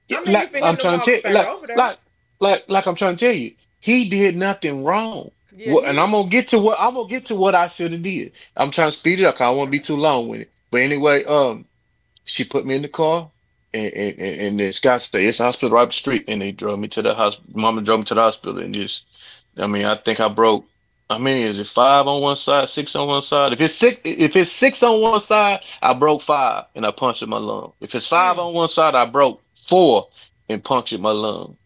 Speaker 2: Yeah,
Speaker 1: I
Speaker 2: like,
Speaker 1: mean, for
Speaker 2: I'm
Speaker 1: him to
Speaker 2: trying to tell,
Speaker 1: walk
Speaker 2: you,
Speaker 1: back over there.
Speaker 2: I'm trying to tell you, he did nothing wrong.
Speaker 1: Yeah,
Speaker 2: What,
Speaker 1: hit
Speaker 2: and
Speaker 1: it.
Speaker 2: I'm gonna get to what I should have did. I'm trying to speed it up, 'cause I don't want to be
Speaker 1: Okay.
Speaker 2: too long with it. But anyway, she put me in the car, and then Scott said it's a hospital right up the street, and they drove me to the hospital. Mama drove me to the hospital, and just, I mean, I think I broke. I mean, is it five on one side, six on one side? If it's six on one side, I broke five and I punctured my lung. If it's five
Speaker 1: Mm.
Speaker 2: on one side, I broke four and punctured my lung.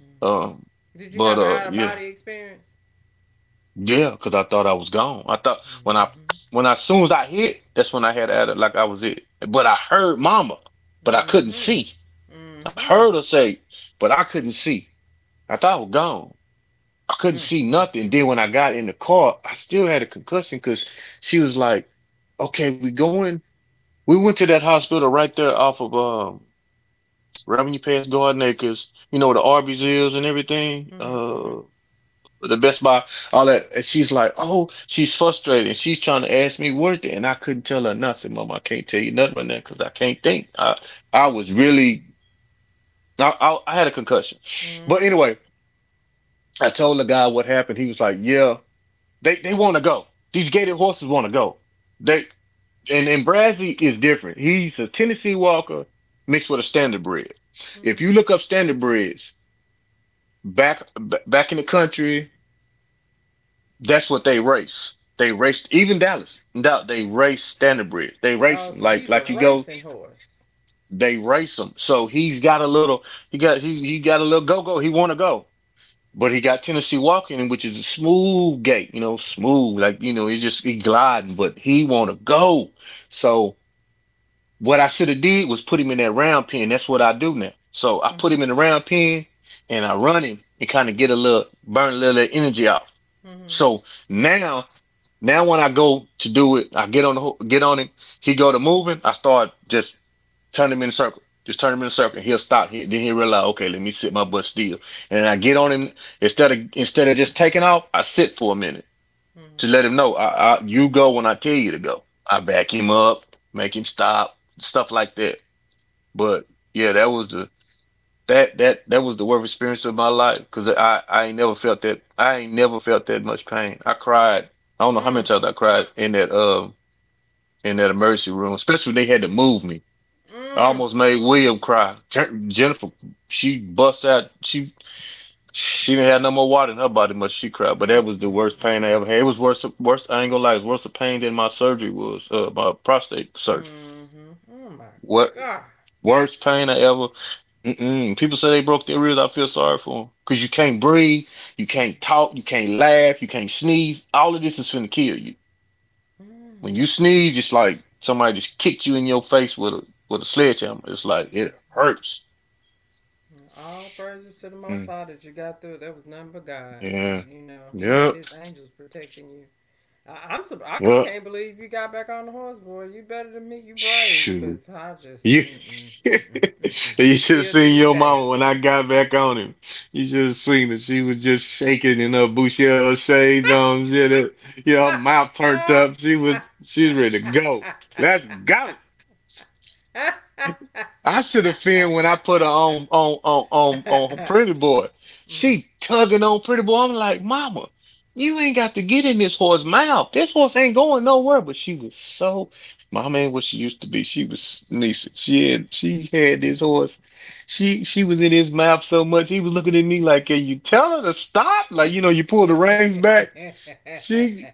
Speaker 1: Mm.
Speaker 2: Um,
Speaker 1: Did you have
Speaker 2: but
Speaker 1: an
Speaker 2: uh,
Speaker 1: out of
Speaker 2: yeah,
Speaker 1: body experience?
Speaker 2: yeah, because I thought I was gone. I thought
Speaker 1: Mm-hmm.
Speaker 2: as soon as I hit, that's when I had to it, like I was it. But I heard Mama, but I couldn't
Speaker 1: Mm-hmm.
Speaker 2: see. I
Speaker 1: Mm-hmm.
Speaker 2: heard her say, but I couldn't see. I thought I was gone. I couldn't see nothing. Then when
Speaker 1: Mm-hmm.
Speaker 2: I got in the car, I still had a concussion, because she was like, okay, we going. We went to that hospital right there off of Revenue Pass Garden Acres, where the Arby's is and everything.
Speaker 1: Mm-hmm. Mm-hmm. Mm-hmm.
Speaker 2: The Best Buy, all that. And she's like, oh, she's frustrated. And she's trying to ask me worth it. And I couldn't tell her nothing, Mom. I can't tell you nothing right now because I can't think. I was really. I had a concussion. But
Speaker 1: Mm-hmm.
Speaker 2: anyway, I told the guy what happened. He was like, "Yeah, they want to go. These gated horses want to go. They and Brazzy is different. He's a Tennessee Walker mixed with a standard bred. If you
Speaker 1: Mm-hmm.
Speaker 2: look up standard breds back back in the country, that's what they race. They race even Dallas. No, they race standard breds. They race
Speaker 1: Oh,
Speaker 2: them
Speaker 1: so
Speaker 2: like
Speaker 1: he's a
Speaker 2: you go.
Speaker 1: racing horse.
Speaker 2: They race them. So he's got a little. He got a little go go. He want to go. But he got Tennessee walking, which is a smooth gait, you know, smooth. Like, you know, he's just he gliding, but he wanna go. So what I should have did was put him in that round pen. That's what I do now. So I put
Speaker 1: Mhm.
Speaker 2: him in the round pen and I run him, and kind of get a little, burn a little energy off.
Speaker 1: Mhm.
Speaker 2: So now, when I go to do it, I get on him. He go to moving. I start just turning him in a circle. Just turn him in a circle. He'll stop. He, then he realize, okay, let me sit my butt still. And I get on him instead of just taking off. I sit for a minute to
Speaker 1: Mhm.
Speaker 2: let him know. I you go when I tell you to go. I back him up, make him stop, stuff like that. But yeah, that was the worst experience of my life, because I ain't never felt that much pain. I cried. I don't know how many
Speaker 1: Mm.
Speaker 2: times I cried in that emergency room, especially when they had to move me. I
Speaker 1: Mm.
Speaker 2: almost made William cry. Jennifer, she bust out. She didn't have no more water in her body, but she cried. But that
Speaker 1: Mm.
Speaker 2: was the
Speaker 1: Mm.
Speaker 2: worst pain I ever had. It
Speaker 1: Mm.
Speaker 2: was worse, worse. I ain't gonna lie, it was worse of pain than my surgery was. My prostate surgery.
Speaker 1: Mm. Mhm. Oh my
Speaker 2: What?
Speaker 1: God.
Speaker 2: Worst pain I ever. Mm-mm. People say they broke their ribs. I feel sorry for them, because you can't breathe, you can't talk, you can't laugh, you can't sneeze. All of this is finna kill you. When
Speaker 1: Mm.
Speaker 2: you sneeze, it's like somebody just kicked you in your face with a sledgehammer. It's like it hurts.
Speaker 1: All praises to the
Speaker 2: Mm,
Speaker 1: Most High that you got through. That was nothing but God.
Speaker 2: yeah.
Speaker 1: You know, He
Speaker 2: Yep.
Speaker 1: had His angels protecting you. I
Speaker 2: Yep.
Speaker 1: can't believe you got back on the horse, boy. You better than me. You brave,
Speaker 2: Shoot.
Speaker 1: cause I just
Speaker 2: You
Speaker 1: mm-mm, mm-mm, mm-mm,
Speaker 2: you should have
Speaker 1: still to
Speaker 2: seen
Speaker 1: this
Speaker 2: your
Speaker 1: day.
Speaker 2: mama when I got back on him. You should have seen, that she was just shaking in her Bouchella shades on shit. It, you know, her mouth turned up. She's ready to go. Let's go. I should have feared when I put her on Pretty Boy. She tugging on Pretty Boy. I'm like, Mama, you ain't got to get in this horse's mouth. This horse ain't going nowhere. But she was so, Mama ain't what she used to be. She was sneaking. She had this horse. She was in his mouth so much. He was looking at me like, can you tell her to stop? Like, you know, you pull the reins back. She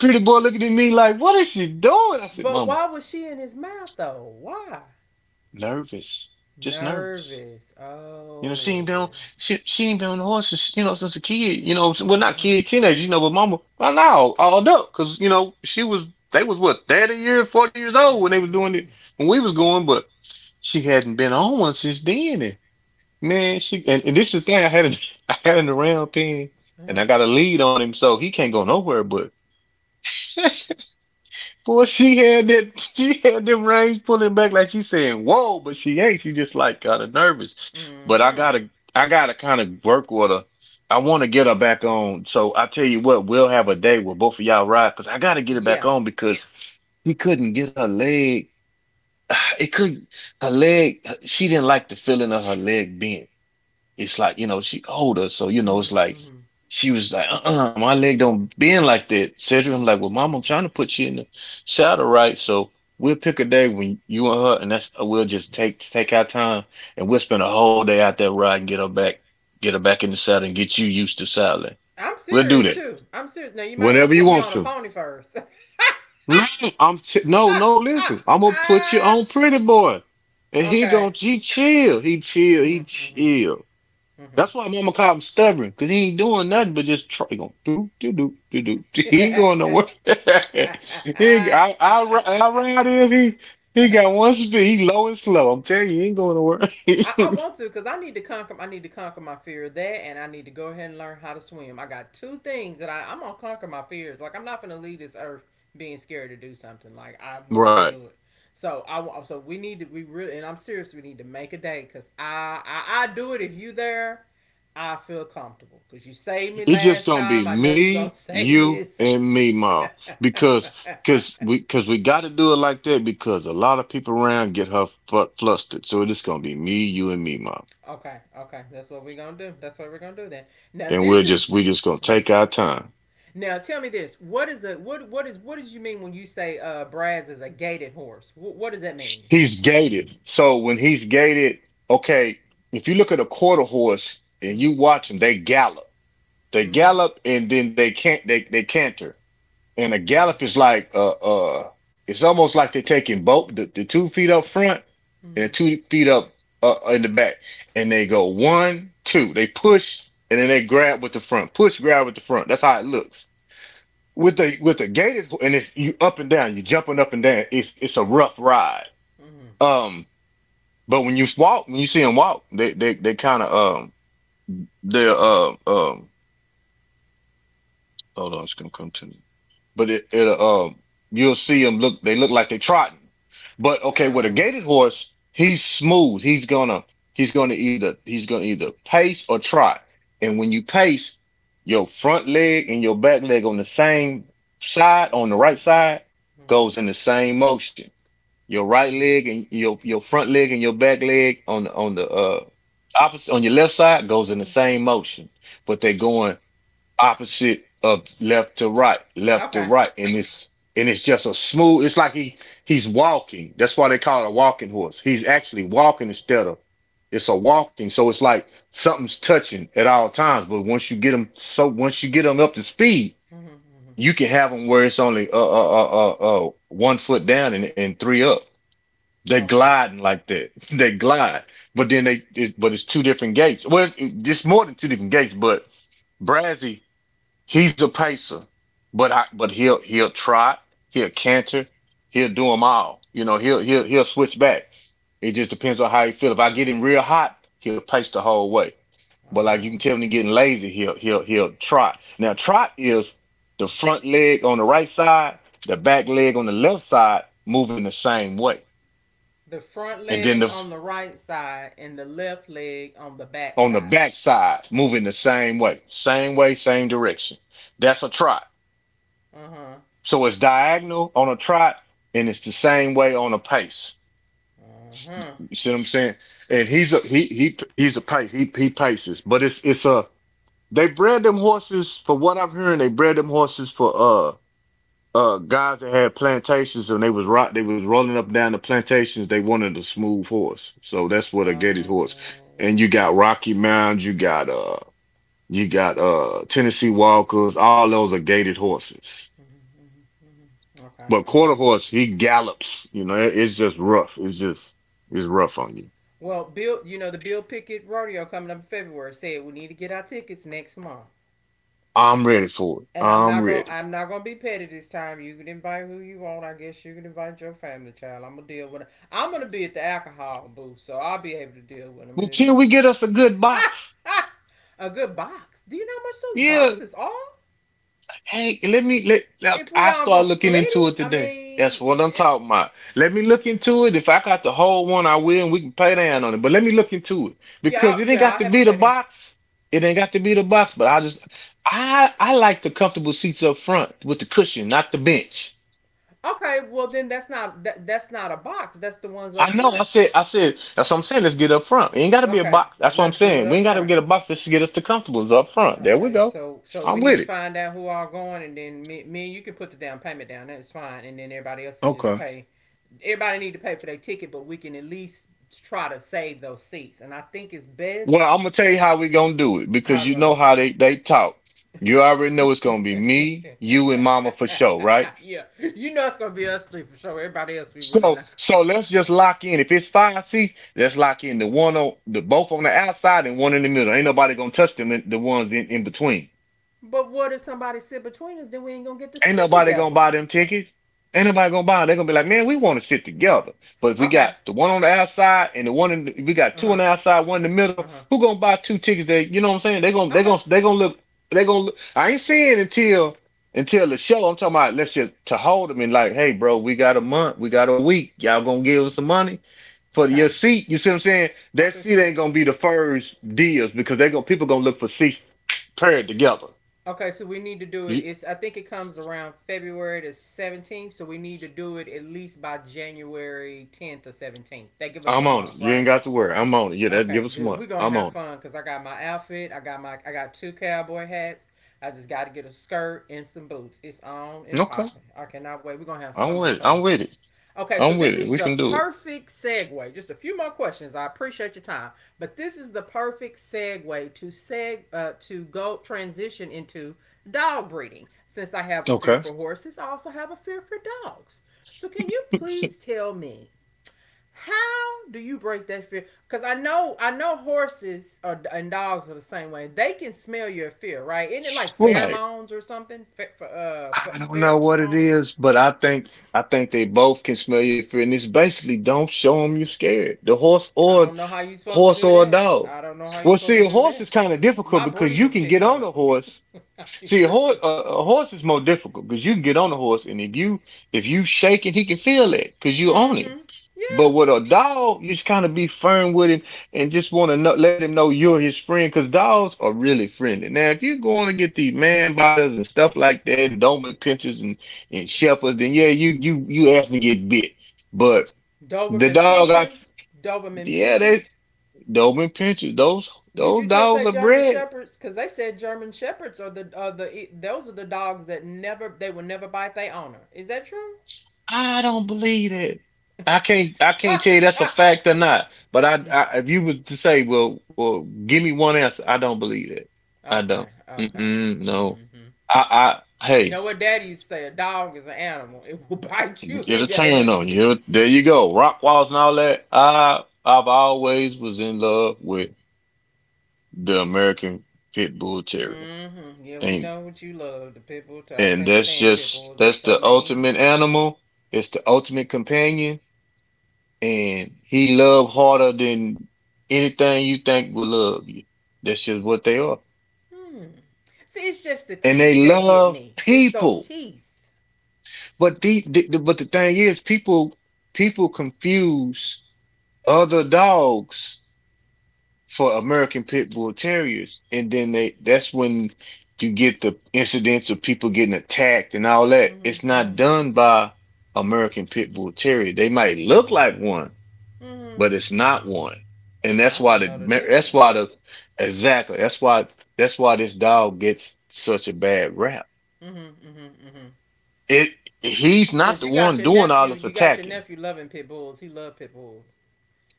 Speaker 2: Pretty Boy looking at me like, what is she doing? I said,
Speaker 1: But
Speaker 2: Mama,
Speaker 1: why was she in his mouth though? Why?
Speaker 2: nervous, just nervous.
Speaker 1: Nervous.
Speaker 2: You know, she ain't
Speaker 1: Oh.
Speaker 2: been on, she she ain't been on the horse since, you know, since a kid. You know,
Speaker 1: Uh
Speaker 2: well, not
Speaker 1: huh.
Speaker 2: kid, teenager. You know, but Mama, by now, all adult, because you know, she was they was, what, 30 years, 40 years old when they was doing
Speaker 1: Mm-hmm.
Speaker 2: it, when we was going, but she hadn't been on one since then. And man, she and this is the thing. I had an I had an around pin, and
Speaker 1: Uh-huh.
Speaker 2: I got a lead on him, so he can't go nowhere. But boy, she had that she had them reins pulling back like she's saying whoa, but she ain't. She just like kinda nervous. But
Speaker 1: Mm-hmm.
Speaker 2: I gotta kinda work with her. I wanna get her back on. So I tell you what, we'll have a day where both of y'all ride, because I gotta get her
Speaker 1: Yeah.
Speaker 2: back on, because she couldn't get her leg. It could her leg, she didn't like the feeling of her leg bent. It's like, you know, she older, so, you know,
Speaker 1: Mm-hmm.
Speaker 2: it's like
Speaker 1: Mm-hmm.
Speaker 2: she was like, uh, uh, my leg don't bend like that. Cedric, I'm
Speaker 1: Mm-hmm.
Speaker 2: like, well, Mom, I'm trying to put you in the shower, right? So we'll pick a day when you and her, and that's we'll just take our time, and we'll spend a whole day out there riding, get her back in the saddle, and get you used to saddling.
Speaker 1: I'm
Speaker 2: We'll do
Speaker 1: serious
Speaker 2: that
Speaker 1: too. I'm serious. Now you might have to
Speaker 2: whenever you
Speaker 1: put me
Speaker 2: want
Speaker 1: on a
Speaker 2: to.
Speaker 1: pony first.
Speaker 2: No, no, no. Listen, I'm gonna put you on Pretty Boy, and he gonna
Speaker 1: Okay.
Speaker 2: he chill, he chill, he
Speaker 1: Mm-hmm.
Speaker 2: chill. That's
Speaker 1: Mm-hmm.
Speaker 2: why Mama Cobb's stubborn, because he ain't doing nothing but just try. He going, do, do, do, do, do. He ain't going nowhere. he, I, ri- I ride him. He
Speaker 1: Mm-hmm.
Speaker 2: got one speed. He low and slow. I'm telling you, he ain't going nowhere.
Speaker 1: I want to because I need to conquer. I need to conquer my fear of that, and I need to go ahead and learn how to swim. I got two things that I'm gonna conquer my fears. Like I'm not gonna leave this earth being scared to do something. Like I want to
Speaker 2: Right.
Speaker 1: do it. So I, so we need to, we really, and I'm serious. We need to make a day because I do it if you there. I feel comfortable because you saved me
Speaker 2: It's just
Speaker 1: last
Speaker 2: going to
Speaker 1: time.
Speaker 2: be
Speaker 1: I know you gonna
Speaker 2: me,
Speaker 1: save me
Speaker 2: you,
Speaker 1: this
Speaker 2: and
Speaker 1: time.
Speaker 2: me, Ma. Because cause we got to do it like that, because a lot of people around get her flustered. So it's going to be me, you, and me, Ma.
Speaker 1: Okay, okay, that's what we are gonna do. That's what we're gonna do then. Now
Speaker 2: And
Speaker 1: this is.
Speaker 2: we just going to
Speaker 1: Oh,
Speaker 2: take our time.
Speaker 1: now tell me this: what is the what is what does you mean when you say Braz is a gated horse? What does that mean?
Speaker 2: He's gated. So when he's gated, okay, if you look at a quarter horse and
Speaker 1: Mm-hmm.
Speaker 2: you watch them, they gallop. They
Speaker 1: Mm-hmm.
Speaker 2: gallop, and then they can't. They canter. And a gallop is like it's almost like they're taking both the two feet up front
Speaker 1: Mm-hmm.
Speaker 2: and
Speaker 1: Mm-hmm.
Speaker 2: the two feet up, in the back. And they go one, two. They push and then they grab with the front. Push, grab with the front. That's how it looks. With the gated, and if you up and down, you jumping up and down, it's a rough ride.
Speaker 1: Mm-hmm.
Speaker 2: Um but when you walk, when you see them walk, they kind of, they're hold on, it's gonna come to me. But it you'll see them look they look like they trotting. But okay, with a
Speaker 1: Oh.
Speaker 2: gated horse, he's smooth. He's gonna either pace or trot. And when you pace, your front leg and your back leg on the same side, on the right side,
Speaker 1: Mm-hmm.
Speaker 2: goes in the same motion. Your right
Speaker 1: Mm-hmm.
Speaker 2: leg and your front leg and your back leg on the opposite on your left side goes in the
Speaker 1: Mm-hmm.
Speaker 2: same motion, but they're going opposite of left to
Speaker 1: Okay.
Speaker 2: right, and it's just a smooth. It's like he's walking. That's why they call it a walking horse. He's actually walking instead of it's a walking. So it's like something's touching at all times. But once you get him up to speed,
Speaker 1: Mm-hmm. Mm-hmm.
Speaker 2: you can have him where it's only one foot down and three up. They're
Speaker 1: Okay.
Speaker 2: gliding like that. They glide, but but it's two different gates. Well, it's more than two different gates. But Brazzy, he's a pacer, but he'll trot, he'll canter, he'll do them all. You know, he'll switch back. It just depends on how he feel. If I get him real hot, he'll pace the whole way. But like you
Speaker 1: Oh.
Speaker 2: can tell when he getting lazy, he'll trot. Now trot is the front leg on the right side, the back leg on the left side moving the same way.
Speaker 1: The front
Speaker 2: And then
Speaker 1: leg
Speaker 2: the
Speaker 1: on the right side and the left leg on the back
Speaker 2: on the
Speaker 1: side.
Speaker 2: backside, moving the same way, same direction. That's a trot.
Speaker 1: Uh huh.
Speaker 2: So it's diagonal on a trot, and it's the same way on a pace.
Speaker 1: Uh huh.
Speaker 2: You see what I'm saying? And he's a pace. He paces, but it's a they bred them horses for what I have heard. They bred them horses for guys that had plantations and they was rolling up and down the plantations. They wanted a smooth horse, so that's what a gaited horse.
Speaker 1: Oh.
Speaker 2: And you
Speaker 1: Okay.
Speaker 2: got Rocky Mounds, you got Tennessee Walkers. All those are gated horses.
Speaker 1: Mm-hmm. Mm-hmm. Mm-hmm. Okay.
Speaker 2: But
Speaker 1: Okay.
Speaker 2: quarter horse, he gallops. You know, it's just rough. It's just it's rough on you.
Speaker 1: Well, Bill, you know the Bill Pickett rodeo coming up in February said we need to get our tickets next month.
Speaker 2: I'm ready for it.
Speaker 1: And I'm
Speaker 2: I'm
Speaker 1: not gonna
Speaker 2: ready.
Speaker 1: be petty this time. You can invite who you want. I guess you can invite your family child. I'm gonna deal with it. I'm gonna be at the alcohol booth, so I'll be able to deal with them.
Speaker 2: Well,
Speaker 1: It
Speaker 2: can
Speaker 1: is-
Speaker 2: we get us a good box?
Speaker 1: A good box. Do you know how much those
Speaker 2: Yeah.
Speaker 1: boxes are?
Speaker 2: Hey, let me let look,
Speaker 1: If we
Speaker 2: I
Speaker 1: all
Speaker 2: start
Speaker 1: gonna
Speaker 2: looking
Speaker 1: split
Speaker 2: into
Speaker 1: it,
Speaker 2: it
Speaker 1: I
Speaker 2: today. That's
Speaker 1: mean,
Speaker 2: what I'm talking about. Let me look into it. If I got the whole one, I will, and we can play down on it. But let me look into it because
Speaker 1: yeah,
Speaker 2: it ain't
Speaker 1: yeah,
Speaker 2: got
Speaker 1: I'll
Speaker 2: to
Speaker 1: help you
Speaker 2: be the
Speaker 1: pay that.
Speaker 2: box. It ain't got to be the box. But I just, I like the comfortable seats up front with the cushion, not the bench.
Speaker 1: Okay, well then that's not that, that's not a box. That's the ones up
Speaker 2: I know. I
Speaker 1: front.
Speaker 2: said, I said. That's what I'm saying. Let's get up front. It ain't got to be a
Speaker 1: Okay,
Speaker 2: box. That's what I'm
Speaker 1: let's do it
Speaker 2: saying. We
Speaker 1: up
Speaker 2: ain't got to
Speaker 1: front.
Speaker 2: get a box. Let's get us the comfortables up front. There we
Speaker 1: Okay,
Speaker 2: go.
Speaker 1: so we
Speaker 2: I'm
Speaker 1: need to
Speaker 2: with it.
Speaker 1: find out who are going, and then me and you can put the down payment down. That's fine, and then everybody else can just
Speaker 2: Okay.
Speaker 1: pay. Everybody need to pay for their ticket, but we can at least try to save those seats. And I think it's best.
Speaker 2: Well, I'm gonna tell you how we gonna do it
Speaker 1: How are
Speaker 2: because
Speaker 1: we
Speaker 2: you know
Speaker 1: gonna
Speaker 2: how they talk. You already
Speaker 1: do
Speaker 2: know it's
Speaker 1: it?
Speaker 2: gonna be me, you, and Mama for sure, right?
Speaker 1: Yeah, you know it's gonna be us three for sure. Everybody else we really
Speaker 2: So,
Speaker 1: not.
Speaker 2: so let's just lock in. If it's five seats, let's lock in the one on the both on the outside and one in the middle. Ain't nobody gonna touch them the ones in between.
Speaker 1: But what if somebody sit between us? Then we ain't gonna get to
Speaker 2: Ain't
Speaker 1: sit
Speaker 2: nobody gonna
Speaker 1: together.
Speaker 2: buy them tickets. Ain't nobody gonna buy them. They're gonna be like, man, we want to sit together. But if we
Speaker 1: Okay.
Speaker 2: got the one on the outside and the one in the, we got
Speaker 1: Uh
Speaker 2: two
Speaker 1: huh.
Speaker 2: on the outside, one in the
Speaker 1: Uh
Speaker 2: middle,
Speaker 1: huh.
Speaker 2: who gonna buy two tickets that you know what I'm saying?
Speaker 1: Okay.
Speaker 2: They're gonna look they're gonna look. I ain't saying until the show. I'm talking about let's just to hold them and like, hey bro, we got a month, we got a week. Y'all gonna give us some money for your
Speaker 1: Okay.
Speaker 2: seat. You see what I'm saying?
Speaker 1: I
Speaker 2: That
Speaker 1: see what you're
Speaker 2: seat
Speaker 1: saying.
Speaker 2: ain't gonna be the first deals because they gonna people gonna look for seats paired together.
Speaker 1: Okay, so we need to do it.
Speaker 2: You,
Speaker 1: It's I think it comes around February the 17th, so we need to do it at least by January 10th or 17th. They give us a
Speaker 2: I'm on it.
Speaker 1: month,
Speaker 2: You ain't
Speaker 1: right?
Speaker 2: got to worry. I'm on it. Yeah, that
Speaker 1: Okay,
Speaker 2: give us some
Speaker 1: good.
Speaker 2: money.
Speaker 1: We're gonna
Speaker 2: I'm
Speaker 1: have
Speaker 2: on
Speaker 1: fun because I got my outfit. I got my I got two cowboy hats. I just got to get a skirt and some boots. It's on
Speaker 2: it.
Speaker 1: and
Speaker 2: Okay.
Speaker 1: popping. I cannot wait. We're gonna have so
Speaker 2: I'm
Speaker 1: much
Speaker 2: with it.
Speaker 1: fun.
Speaker 2: I'm with it.
Speaker 1: Okay, so
Speaker 2: I'm with
Speaker 1: this
Speaker 2: it.
Speaker 1: is
Speaker 2: We
Speaker 1: the
Speaker 2: can do it.
Speaker 1: perfect segue. Just a few more questions. I appreciate your time, but this is the perfect segue to seg to go transition into dog breeding. Since I have a fear
Speaker 2: Okay.
Speaker 1: for horses, I also have a fear for dogs. So can you please tell me how do you break that fear? Because I know horses are, and dogs are the same way. They can smell your fear, right? Isn't it like
Speaker 2: Right.
Speaker 1: pheromones or something? Fe- fe-
Speaker 2: I don't
Speaker 1: pher-
Speaker 2: know what it
Speaker 1: um,
Speaker 2: is, but I think they both can smell your fear. And it's basically don't show them you're scared. The horse
Speaker 1: I
Speaker 2: or
Speaker 1: don't know how you supposed to
Speaker 2: horse
Speaker 1: do
Speaker 2: or a
Speaker 1: that.
Speaker 2: dog.
Speaker 1: I don't know how you
Speaker 2: Well,
Speaker 1: supposed to
Speaker 2: see, a
Speaker 1: do
Speaker 2: horse
Speaker 1: that
Speaker 2: is kind of
Speaker 1: because my
Speaker 2: difficult because you
Speaker 1: breathing
Speaker 2: can
Speaker 1: picks
Speaker 2: get on
Speaker 1: up.
Speaker 2: a horse.
Speaker 1: I be
Speaker 2: See,
Speaker 1: breathing.
Speaker 2: a horse is more difficult because you can get on a horse, and if you shake it, he can feel it because you own him.
Speaker 1: Mm-hmm. Yeah.
Speaker 2: But with a dog, you just kind of be firm with him and just want to know, let him know you're his friend because dogs are really friendly. Now, if you're going to get these man biters and stuff like that, and Doberman pinchers and shepherds, then yeah, you you asking to get bit. But the
Speaker 1: Doberman
Speaker 2: dog,
Speaker 1: Pinschers. Doberman
Speaker 2: yeah, they
Speaker 1: Pinschers.
Speaker 2: Doberman pinchers,
Speaker 1: Did
Speaker 2: those
Speaker 1: you just
Speaker 2: dogs
Speaker 1: say
Speaker 2: are
Speaker 1: German
Speaker 2: bred.
Speaker 1: shepherds? Because they said German shepherds are the e, those are the dogs that never they will never bite their owner. Is that true?
Speaker 2: I don't believe it. I
Speaker 1: Ha
Speaker 2: can't tell you that's a
Speaker 1: ha.
Speaker 2: fact or not. But I if you was to say, well, give me one answer, I don't believe it. I
Speaker 1: Okay.
Speaker 2: don't.
Speaker 1: Okay.
Speaker 2: Mm-mm, no.
Speaker 1: Mm-hmm.
Speaker 2: I
Speaker 1: You
Speaker 2: hey,
Speaker 1: know what Daddy used to say? A dog is an animal. It will bite you.
Speaker 2: it'll
Speaker 1: It,
Speaker 2: turn
Speaker 1: it,
Speaker 2: on
Speaker 1: it,
Speaker 2: you. There you go. Rock walls and all that. I've always was in love with the American Pit Bull Terrier.
Speaker 1: Mm-hmm. Yeah, we
Speaker 2: And
Speaker 1: know what you love. The pit bull. T- I can't
Speaker 2: that's
Speaker 1: stand pit
Speaker 2: just
Speaker 1: bulls. They
Speaker 2: that's
Speaker 1: so
Speaker 2: the
Speaker 1: mean.
Speaker 2: ultimate animal. It's the ultimate companion and he love harder than anything you think will love you. That's just what they are,
Speaker 1: Hmm. See, it's just the
Speaker 2: and they
Speaker 1: teeth that get
Speaker 2: love
Speaker 1: me. It's those
Speaker 2: people.
Speaker 1: teeth.
Speaker 2: But but the thing is, people confuse other dogs for American pit bull terriers, and then they that's when you get the incidents of people getting attacked and all that. It's
Speaker 1: Mm-hmm, mm-hmm,
Speaker 2: not done by American pit bull terrier. They might look like one,
Speaker 1: mm-hmm.
Speaker 2: but it's not one. And
Speaker 1: I don't know the
Speaker 2: that's why
Speaker 1: difference.
Speaker 2: the exactly that's why this dog gets such a bad rap.
Speaker 1: Mm-hmm, mm-hmm, mm-hmm.
Speaker 2: It he's not
Speaker 1: Cause
Speaker 2: the
Speaker 1: you got
Speaker 2: one
Speaker 1: your
Speaker 2: doing all
Speaker 1: nephew.
Speaker 2: this
Speaker 1: You got your
Speaker 2: attacking,
Speaker 1: nephew loving pit bulls. He love pit bulls.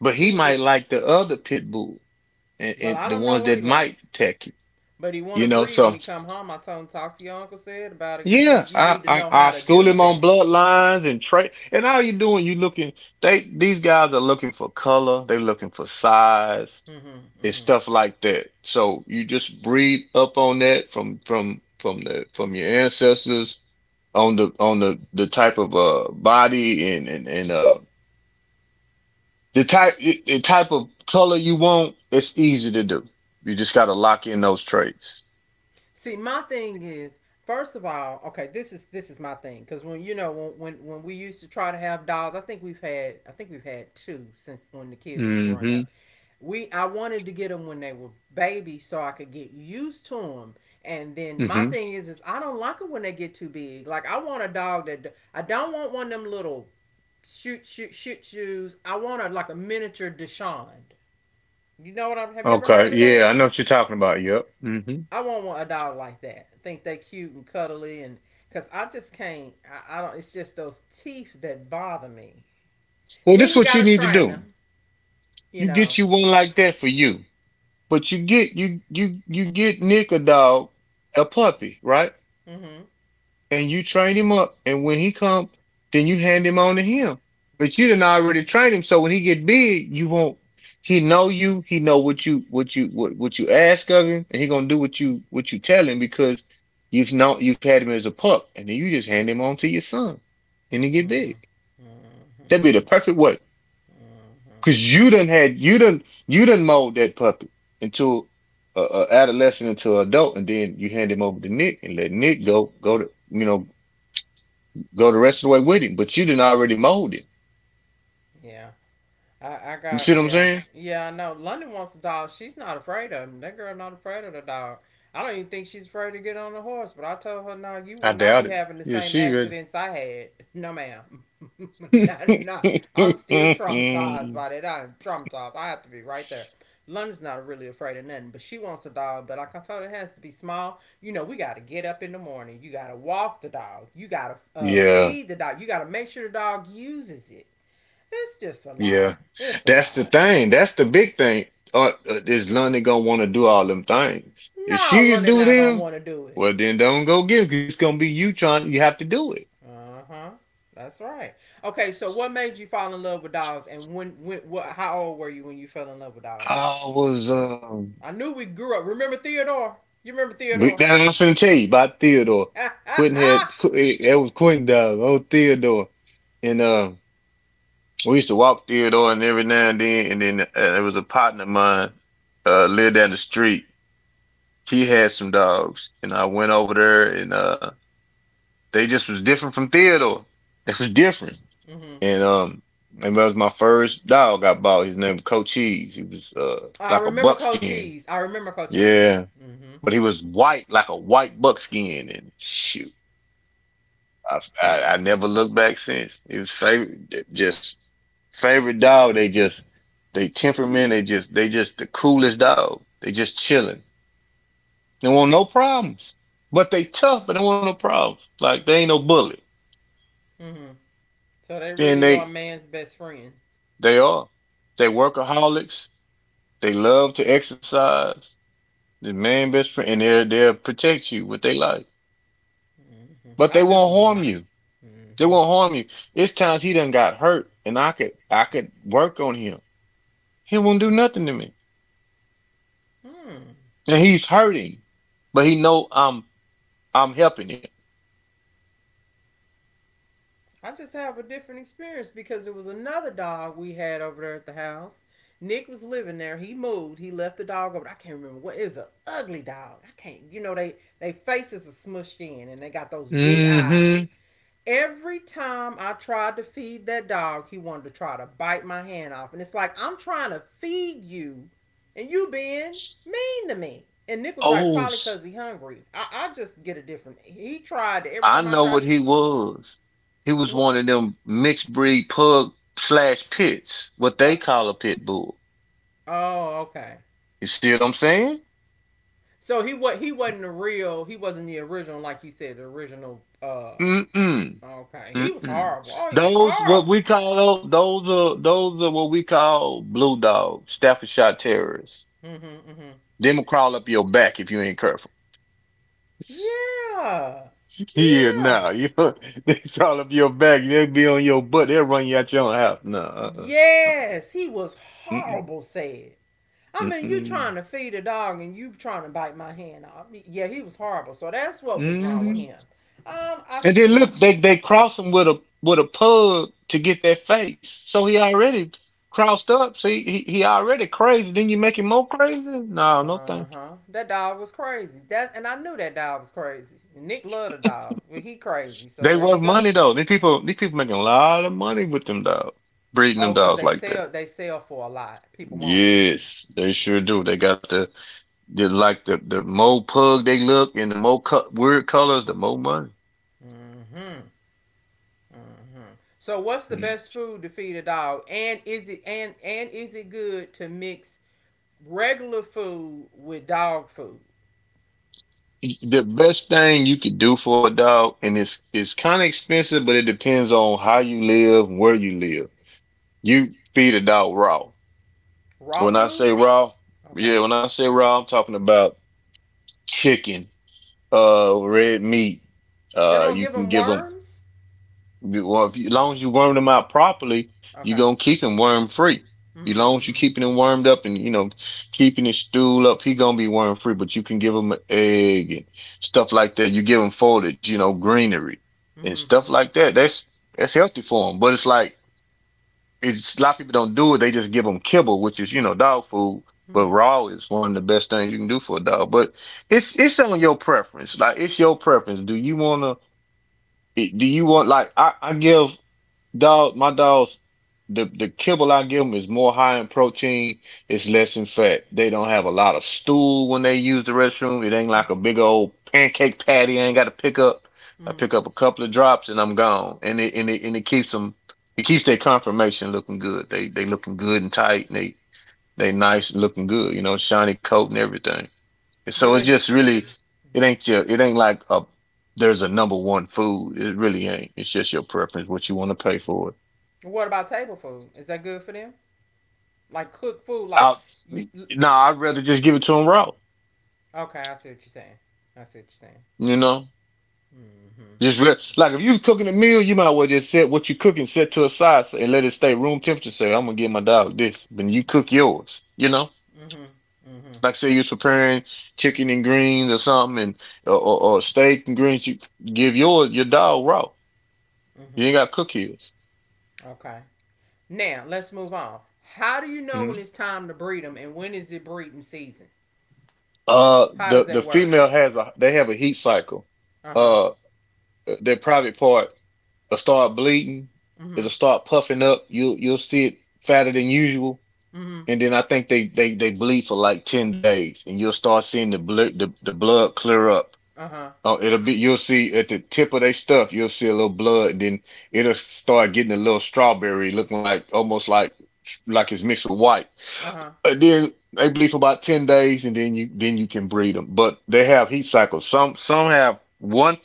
Speaker 2: but
Speaker 1: He
Speaker 2: he might
Speaker 1: it,
Speaker 2: like the other pit bull and,
Speaker 1: well,
Speaker 2: and
Speaker 1: I
Speaker 2: the
Speaker 1: don't know
Speaker 2: ones
Speaker 1: what he
Speaker 2: that
Speaker 1: like,
Speaker 2: might attack you.
Speaker 1: but he want to
Speaker 2: You know,
Speaker 1: breed when
Speaker 2: so
Speaker 1: he come home. I told him talk to your uncle said about it because you
Speaker 2: yeah,
Speaker 1: you need to know how
Speaker 2: I
Speaker 1: to
Speaker 2: school
Speaker 1: do
Speaker 2: him on
Speaker 1: that.
Speaker 2: bloodlines and trade. And all you doing, you looking they these guys are looking for color, they're looking for size.
Speaker 1: Mm-hmm,
Speaker 2: It's
Speaker 1: mm-hmm.
Speaker 2: stuff like that. So you just read up on that from the from your ancestors on the type of body and the type of color you want. It's easy to do. You just got to lock in those traits.
Speaker 1: See, my thing is, first of all, okay, this is my thing because when you know when we used to try to have dolls, I think we've had two since when the kids was growing up.
Speaker 2: Mm-hmm.
Speaker 1: We I wanted to get them when they were babies so I could get used to them. And then my
Speaker 2: Mm-hmm.
Speaker 1: thing is I don't like them when they get too big. Like I want a dog that I don't want one of them little shoot shoes. I want a, like a miniature Deshawn. You know what I'm? Have you ever heard
Speaker 2: Okay.
Speaker 1: of
Speaker 2: Yeah, I
Speaker 1: that?
Speaker 2: know what you're talking about. Yep. Mm-hmm.
Speaker 1: I won't want a dog like that. I think they cute and cuddly, and because I just can't. I don't. It's just those teeth that bother me.
Speaker 2: Well, this
Speaker 1: Then
Speaker 2: is
Speaker 1: you
Speaker 2: what
Speaker 1: got
Speaker 2: you
Speaker 1: to
Speaker 2: need to
Speaker 1: train
Speaker 2: do.
Speaker 1: them, you
Speaker 2: You
Speaker 1: know.
Speaker 2: get you one like that for you, but you get Nick a dog, a puppy, right?
Speaker 1: Mm-hmm. Mm-hmm.
Speaker 2: And you train him up, and when he come, then you hand him on to him. But you didn't already train him, so when he get big, you won't. He know you. He know what you ask of him, and he gonna do what you tell him because you've had him as a pup, and then you just hand him on to your son, and he get big.
Speaker 1: Mm-hmm.
Speaker 2: That'd
Speaker 1: Mm-hmm.
Speaker 2: be the perfect way
Speaker 1: Mm-hmm.
Speaker 2: because you done had you done mold that puppy into a adolescent into an adult, and then you hand him over to Nick and let Nick go to, you know, go the rest of the way with him, but you didn't already mold it.
Speaker 1: Yeah. I, I
Speaker 2: You see
Speaker 1: got
Speaker 2: what I'm
Speaker 1: yeah
Speaker 2: saying?
Speaker 1: yeah, I know London wants a dog. She's not afraid of him. That girl not afraid of the dog. I don't even think she's afraid to get on the horse. But I told her, no, you
Speaker 2: I
Speaker 1: will not
Speaker 2: doubt
Speaker 1: be
Speaker 2: it.
Speaker 1: having the
Speaker 2: Yeah,
Speaker 1: same
Speaker 2: she ready.
Speaker 1: accidents I had. No, ma'am. No, no. I'm still traumatized by that. I'm traumatized. I have to be right there. London's not really afraid of nothing, but she wants a dog. But like I told her, it has to be small. You know, we got to get up in the morning. You got to walk the dog. You got to
Speaker 2: Yeah,
Speaker 1: feed the dog. You got to make sure the dog uses it. It's just a lot.
Speaker 2: yeah.
Speaker 1: It's a
Speaker 2: That's the
Speaker 1: lot.
Speaker 2: thing. That's the big thing. Is London gonna want to do all them things? If
Speaker 1: No,
Speaker 2: she can
Speaker 1: London
Speaker 2: do
Speaker 1: not gonna
Speaker 2: them,
Speaker 1: want to do it.
Speaker 2: well then don't go give because it's gonna be you trying. You have to do it.
Speaker 1: Uh huh. That's right. Okay, so what made you fall in love with dogs, and how old were you when you fell in love with dogs?
Speaker 2: I was.
Speaker 1: I knew we grew up. Remember Theodore? You remember
Speaker 2: But
Speaker 1: Theodore?
Speaker 2: now I'm finna tell you about Theodore.
Speaker 1: Ha
Speaker 2: Quentin had
Speaker 1: ha,
Speaker 2: it was Quentin dog. Oh Theodore, and we used to walk Theodore and every now and then there was a partner of mine lived down the street. He had some dogs, and I went over there, and they just was different from Theodore. It was different,
Speaker 1: mm-hmm.
Speaker 2: and um, and that was my first dog I bought. His name was Coach Cheese. He was
Speaker 1: I
Speaker 2: like a
Speaker 1: remember Cold
Speaker 2: buckskin,
Speaker 1: Cheese. I remember Cold Cheese.
Speaker 2: yeah,
Speaker 1: Mm-hmm.
Speaker 2: but he was white like a white buckskin, and shoot, I never looked back since. It was favorite, just favorite dog, they just they temperament, they just the coolest dog. They just chilling. They want no problems. But they tough, but they want no problems. Like they ain't no bully.
Speaker 1: Mm-hmm. So they
Speaker 2: Then
Speaker 1: really are man's best friend.
Speaker 2: they are. They workaholics. They love to exercise. The man best friend and they'll protect you with their life.
Speaker 1: Mm-hmm.
Speaker 2: But
Speaker 1: I
Speaker 2: they
Speaker 1: do
Speaker 2: won't
Speaker 1: believe that.
Speaker 2: harm you. They
Speaker 1: Mm-hmm.
Speaker 2: won't harm you. It's times he done got hurt and I could work on him. He won't do nothing to me.
Speaker 1: Hmm.
Speaker 2: And he's hurting. But he know I'm helping him.
Speaker 1: I just have a different experience because it was another dog we had over there at the house. Nick was living there. He moved. He left the dog over. I can't remember what. It's an ugly dog. I can't. You know they faces are smushed in and they got those big
Speaker 2: Mm-hmm.
Speaker 1: eyes. Every time I tried to feed that dog, he wanted to try to bite my hand off. And it's like I'm trying to feed you, and you being mean to me. And Nick was like,
Speaker 2: Oh,
Speaker 1: probably because
Speaker 2: s-
Speaker 1: he hungry. I just get a different. He tried every
Speaker 2: I
Speaker 1: time I
Speaker 2: know
Speaker 1: tried.
Speaker 2: what he was. He was
Speaker 1: Well,
Speaker 2: one of them mixed breed pug slash pits, what
Speaker 1: uh,
Speaker 2: they call a pit bull.
Speaker 1: Oh, okay.
Speaker 2: You see what I'm saying?
Speaker 1: So he what he wasn't the real. He wasn't the original, like you said, the original.
Speaker 2: Mm-mm.
Speaker 1: Okay. He was
Speaker 2: Mm-mm.
Speaker 1: horrible. Oh, he was
Speaker 2: Those what
Speaker 1: horrible.
Speaker 2: we call those are what we call blue dogs, Staffordshire terriers.
Speaker 1: Mm-hmm, mm-hmm.
Speaker 2: Them will crawl up your back if you ain't careful.
Speaker 1: Yeah,
Speaker 2: Yeah,
Speaker 1: yeah,
Speaker 2: nah. You they crawl up your back, they'll be on your butt, they'll run you out your own house. No, uh-uh. Uh-uh.
Speaker 1: yes. He was
Speaker 2: Mm-mm.
Speaker 1: horrible. Said. I mean, you trying
Speaker 2: Mm-mm.
Speaker 1: to feed a dog and you trying to bite my hand off. Yeah, he was horrible. So that's what was wrong with
Speaker 2: hmm
Speaker 1: him. I.
Speaker 2: And then look, they cross him with a pug to get that face. So he already crossed up. So he already crazy. Then you make him more crazy? No, no
Speaker 1: Uh
Speaker 2: thank you.
Speaker 1: huh. That dog was crazy. That and I knew that dog was crazy. Nick loved a dog, but he crazy. So
Speaker 2: They
Speaker 1: there you
Speaker 2: worth
Speaker 1: go.
Speaker 2: money though. These people making a lot of money with them dogs. Breeding them
Speaker 1: Oh, because
Speaker 2: dogs like that.
Speaker 1: they sell for a lot. People want them.
Speaker 2: Yes, they sure do. They got the like the more pug they look, and the more weird colors, the more money.
Speaker 1: Mm-hmm. Mm-hmm. So, what's the best food to feed a dog? And is it and is it good to mix regular food with dog food?
Speaker 2: The best thing you could do for a dog, and it's kind of expensive, but it depends on how you live, where you live. You feed a dog raw.
Speaker 1: Raw
Speaker 2: When I
Speaker 1: food?
Speaker 2: say raw,
Speaker 1: Okay.
Speaker 2: yeah, when I say raw, I'm talking about chicken, red meat.
Speaker 1: They don't
Speaker 2: You
Speaker 1: give
Speaker 2: can
Speaker 1: them
Speaker 2: give 'em.
Speaker 1: worms.
Speaker 2: Well, if you, as long as you worm them out properly, you're
Speaker 1: Okay.
Speaker 2: gonna keep him worm free. As
Speaker 1: Mm-hmm.
Speaker 2: long as you're
Speaker 1: Mm-hmm.
Speaker 2: keeping him wormed up and keeping his stool up, he gonna be worm free. But you can give him an egg and stuff like that. You give him foliage, you know, greenery
Speaker 1: Mm-hmm.
Speaker 2: and stuff
Speaker 1: Mm-hmm.
Speaker 2: like that. That's healthy for him. But it's like it's a lot of people don't do it. They just give him kibble, which is dog food. But
Speaker 1: Mm-hmm.
Speaker 2: raw is one of the best things you can do for a dog. But it's on your preference. Like it's your preference. Do you wanna? Do you want like I give? Dog, my dogs, the kibble I give them is more high in protein. It's less in fat. They don't have a lot of stool when they use the restroom. It ain't like
Speaker 1: Mm-hmm.
Speaker 2: a big old pancake patty. I ain't got to pick up. I
Speaker 1: Mm-hmm.
Speaker 2: pick up a couple of drops and I'm gone. And it keeps them. It keeps their conformation looking good. They looking good and tight. And they nice and looking good. You know, shiny coat and everything. And
Speaker 1: Do
Speaker 2: so
Speaker 1: they?
Speaker 2: it's just really,
Speaker 1: Mm-hmm.
Speaker 2: it ain't your. It ain't like a. There's a number one food. It really ain't. It's just your preference, what you want to pay for it.
Speaker 1: What about table food? Is that good for them? Like cook food. Like,
Speaker 2: I,
Speaker 1: you,
Speaker 2: nah, I'd rather just give it to him raw.
Speaker 1: okay, I see what you're saying. I see what you're saying.
Speaker 2: You know,
Speaker 1: Mm-hmm.
Speaker 2: just real, like if you cooking a meal, you might as well just set what you cooking set to a side and let it stay room temperature. Say I'm gonna give my dog this, but you cook yours.
Speaker 1: Mm-hmm. Mm-hmm.
Speaker 2: Like say you're preparing chicken and greens, or something, and or steak and greens. You give yours your dog raw.
Speaker 1: Mm-hmm.
Speaker 2: You ain't got to cook his.
Speaker 1: Okay. Now let's move on. How do you know when
Speaker 2: Mhm.
Speaker 1: it's time to breed them, and when is the breeding season?
Speaker 2: Uh,
Speaker 1: How does
Speaker 2: the
Speaker 1: that
Speaker 2: the
Speaker 1: work?
Speaker 2: female has a they have a heat cycle.
Speaker 1: Uh huh.
Speaker 2: Uh. That private part will start bleeding.
Speaker 1: Mm-hmm.
Speaker 2: It'll start puffing up. You'll see it fatter than usual,
Speaker 1: Mm-hmm.
Speaker 2: and then I think they bleed for like 10 days, and you'll start seeing the blood clear up.
Speaker 1: Uh huh.
Speaker 2: Oh, it'll be you'll see at the tip of their stuff, you'll see a little blood, and then it'll start getting a little strawberry, looking like almost like it's mixed with white.
Speaker 1: Uh huh.
Speaker 2: And then they bleed for about 10 days, and then you can breed them. But they have heat cycles. Some have one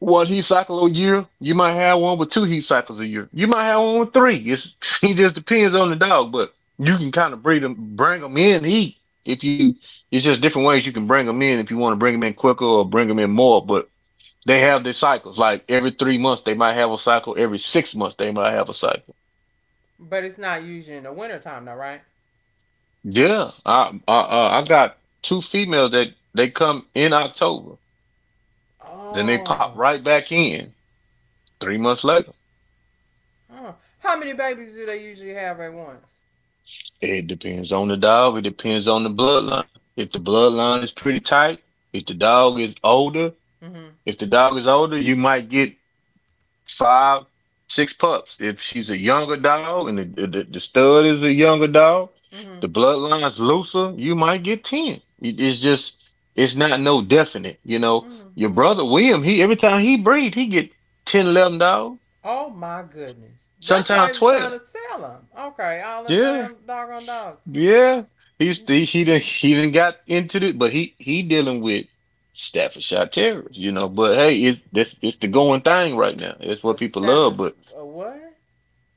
Speaker 2: one heat cycle a year. You might have one with two heat cycles a year. You might have one with three. It's, it just depends on the dog, but you can kind of breed them, bring them in heat if you. It's just different ways you can bring them in if you want to bring them in quicker or bring them in more. But they have their cycles. Like every 3 months, they might have a cycle. Every 6 months, they might have a cycle.
Speaker 1: But it's not usually in the winter time though, right?
Speaker 2: Yeah, I got two females that they come in October, then they pop
Speaker 1: Oh.
Speaker 2: right back in 3 months later.
Speaker 1: Oh. How many babies do they usually have at once?
Speaker 2: It depends on the dog. It depends on the bloodline. If the bloodline is pretty tight, if the dog is older,
Speaker 1: Mm-hmm.
Speaker 2: if the dog is older, you might get five, six pups. If she's a younger dog and the stud is a younger dog,
Speaker 1: Mm-hmm.
Speaker 2: the bloodline's looser, you might get 10. It- It's just, it's not no definite. You know,
Speaker 1: Mm-hmm.
Speaker 2: your
Speaker 1: Mm-hmm.
Speaker 2: brother William, he every time he breed, he get 10, 11 dogs,
Speaker 1: Oh my goodness. That's why
Speaker 2: sometimes
Speaker 1: he was trying
Speaker 2: 12.
Speaker 1: to sell them. Okay, all them
Speaker 2: Yeah.
Speaker 1: damn doggone dogs.
Speaker 2: Yeah, he's he did he even got into it, but he dealing with Staffordshire terriers. But hey, it's this it's the going thing right now. It's what
Speaker 1: A
Speaker 2: people
Speaker 1: staff,
Speaker 2: love. But
Speaker 1: a what?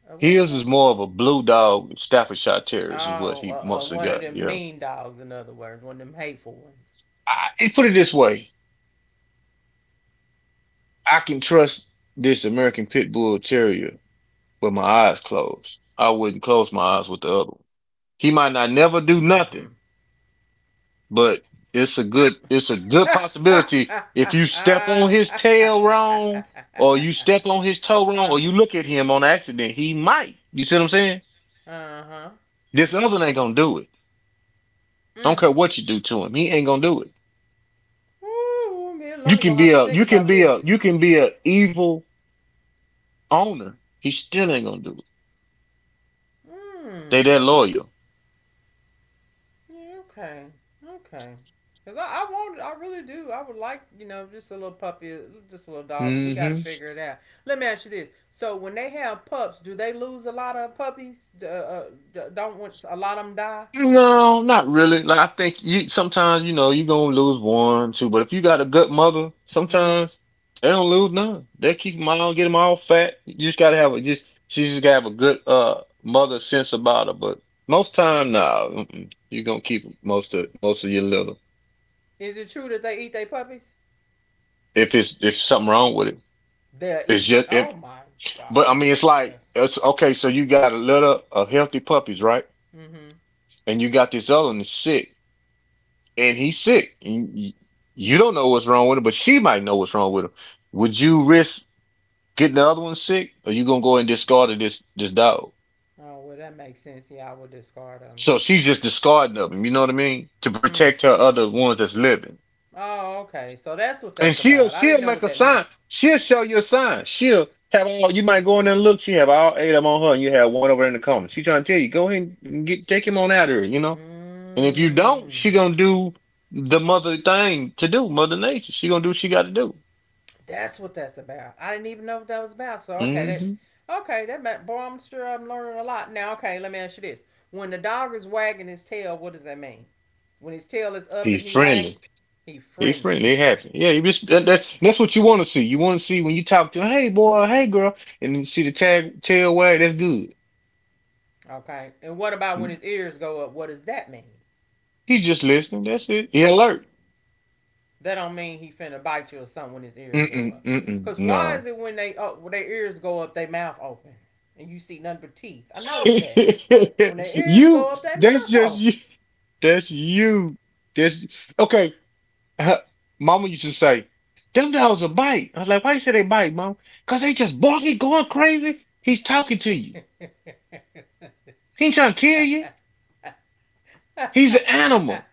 Speaker 1: A what is
Speaker 2: his is
Speaker 1: that?
Speaker 2: more of a blue dog Staffordshire terrorist is what
Speaker 1: Oh,
Speaker 2: he mostly
Speaker 1: one of
Speaker 2: got.
Speaker 1: them
Speaker 2: Yeah,
Speaker 1: mean dogs, in other words, one of them hateful ones.
Speaker 2: put it this way: I can trust this American pit bull Terrier with my eyes closed. I wouldn't
Speaker 1: Mm-hmm.
Speaker 2: close my eyes with the other one. He might not never do nothing, but
Speaker 1: Ha!
Speaker 2: it's a
Speaker 1: Ha!
Speaker 2: good,
Speaker 1: Ha!
Speaker 2: it's a
Speaker 1: Ha!
Speaker 2: good
Speaker 1: Ha!
Speaker 2: possibility
Speaker 1: Ha!
Speaker 2: if you step on his
Speaker 1: Ha!
Speaker 2: tail
Speaker 1: Ha!
Speaker 2: wrong, or you step on
Speaker 1: Ha!
Speaker 2: his toe
Speaker 1: Uh-huh.
Speaker 2: wrong, or you look at him on accident, he might. You see what I'm saying?
Speaker 1: Uh-huh.
Speaker 2: This other one ain't gonna do it. Don't
Speaker 1: Mm.
Speaker 2: care what you do to him, he ain't gonna do it.
Speaker 1: Ooh, me and
Speaker 2: You
Speaker 1: Lonnie
Speaker 2: can
Speaker 1: gonna
Speaker 2: be
Speaker 1: have to
Speaker 2: a
Speaker 1: think
Speaker 2: you can
Speaker 1: about
Speaker 2: be a
Speaker 1: this.
Speaker 2: you can be a evil owner, he still ain't gonna do it. They
Speaker 1: Hmm.
Speaker 2: that loyal.
Speaker 1: Yeah, okay. Okay. Cause I want, I really do. I would like, you know, just a little puppy, just a little dog. But we got to
Speaker 2: Mm-hmm.
Speaker 1: figure it out. Let me ask you this: so when they have pups, do they lose a lot of puppies? Don't want- a lot of them die?
Speaker 2: No, not really. Like I think you sometimes you know you gonna lose one, two, but if you got a good mother,
Speaker 1: Mm-hmm.
Speaker 2: sometimes they don't lose none. They keep them all, get them all fat. You just gotta have a just She just gotta have a good mother sense about her. But most time, nah, mm-mm. You gonna keep most of your litter
Speaker 1: Is it true that they eat their puppies?
Speaker 2: if it's if something wrong with it.
Speaker 1: They'll
Speaker 2: It's
Speaker 1: eat it.
Speaker 2: just
Speaker 1: Oh
Speaker 2: if,
Speaker 1: my god,
Speaker 2: but I mean
Speaker 1: that's
Speaker 2: it's like
Speaker 1: disgusting.
Speaker 2: it's okay. So you got a litter of healthy puppies, right?
Speaker 1: Mm-hmm.
Speaker 2: And you got this other one that's sick. And he's sick. And you don't know what's wrong with him, but she might know what's wrong with him. Would you risk getting the other one sick, or you gonna go and discard of this dog?
Speaker 1: Oh well, that makes sense. Yeah, I would discard them.
Speaker 2: So she's just discarding of him. You know what I mean? To
Speaker 1: Mm.
Speaker 2: protect her other ones that's living,
Speaker 1: Oh, okay. So that's what
Speaker 2: and
Speaker 1: that's
Speaker 2: she'll
Speaker 1: about. I didn't
Speaker 2: she'll
Speaker 1: know
Speaker 2: make
Speaker 1: what
Speaker 2: a
Speaker 1: that meant.
Speaker 2: sign. She'll show you a sign. She'll have all. You might go in there and look. She have all eight of them on her, and you have one over in the corner. She trying to tell you, go ahead and get take him on out of here. You know. And if you don't,
Speaker 1: Hmm.
Speaker 2: she gonna do the mother thing to do, Mother Nature. She gonna do what she got to do.
Speaker 1: That's what that's about. I didn't even know what that was about. So okay,
Speaker 2: Hmm.
Speaker 1: that okay, that meant boy, I'm sure I'm learning a lot now. Okay, let me ask you this: when the dog is wagging his tail, what does that mean? When his tail is up
Speaker 2: Be
Speaker 1: and he wags,
Speaker 2: friendly.
Speaker 1: he
Speaker 2: Be
Speaker 1: friendly.
Speaker 2: friendly. They happy. Yeah, you just that, that, that's what you want to see. You want to see when you talk to, hey boy, hey girl, and you see the tag tail wag. That's good.
Speaker 1: Okay, and what about when his ears go up? What does that mean?
Speaker 2: He's just listening. That's it. He alert.
Speaker 1: That don't mean he finna bite you or something when his ears go
Speaker 2: Mm-mm,
Speaker 1: up.
Speaker 2: mm-mm,
Speaker 1: Cause why
Speaker 2: nah.
Speaker 1: is it when they oh, when their ears go up, they mouth open, and you see nothing but teeth? I noticed that when their ears go
Speaker 2: you.
Speaker 1: up, they
Speaker 2: That's just
Speaker 1: mouth
Speaker 2: you. That's you. That's okay. Huh, Mama used to say, "Them dogs will bite." I was like, "Why you say they bite, Mom? Cause they just barking, going crazy.
Speaker 1: open.
Speaker 2: He's talking to you. He ain't trying to kill you.
Speaker 1: Mhm,
Speaker 2: He's an animal."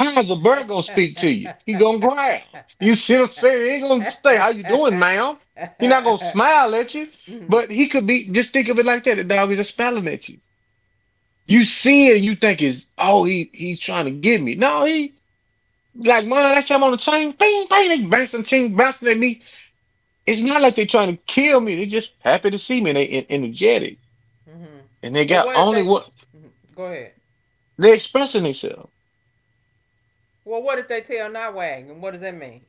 Speaker 2: How's a bird gonna speak to you? He gonna growl. You should have said he ain't gonna say how you doing, ma'am. He not gonna smile at you, but he could be. Just think of it like that: the dog is just smiling at you. You see it, you think it's, oh, he he's trying to get me. No, he like man, that's him on the chain. Bing, bing, they bouncing, ching, bouncing at me. It's not like they are trying to kill me. They just happy to see me, and energetic,
Speaker 1: mhm.
Speaker 2: and they
Speaker 1: But
Speaker 2: got
Speaker 1: what if
Speaker 2: only
Speaker 1: they?
Speaker 2: what
Speaker 1: Mhm, go ahead.
Speaker 2: they're expressing themselves.
Speaker 1: Well, what if they tell not and what does that mean?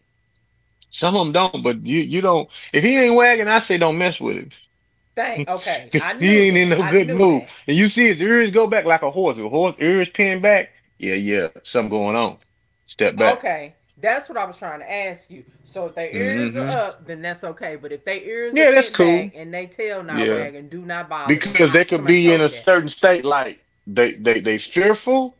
Speaker 2: Some of them don't, but you don't. If he ain't wagging, I say don't mess with him.
Speaker 1: Thank. Okay, I
Speaker 2: Cause he
Speaker 1: knew
Speaker 2: ain't in
Speaker 1: that.
Speaker 2: no
Speaker 1: I
Speaker 2: good
Speaker 1: knew
Speaker 2: mood.
Speaker 1: that.
Speaker 2: And you see his ears go back like a horse. A horse ears pin back. Yeah, yeah, something going on. Step back.
Speaker 1: Okay, that's what I was trying to ask you. So if their ears are
Speaker 2: hmm
Speaker 1: up, then that's okay. But if their ears are
Speaker 2: Yeah, that's
Speaker 1: pinned back
Speaker 2: cool.
Speaker 1: and they tail not
Speaker 2: Yeah.
Speaker 1: and do not bother them,
Speaker 2: Because
Speaker 1: I,
Speaker 2: they could
Speaker 1: somebody
Speaker 2: be in
Speaker 1: told
Speaker 2: a
Speaker 1: me that.
Speaker 2: certain state like they fearful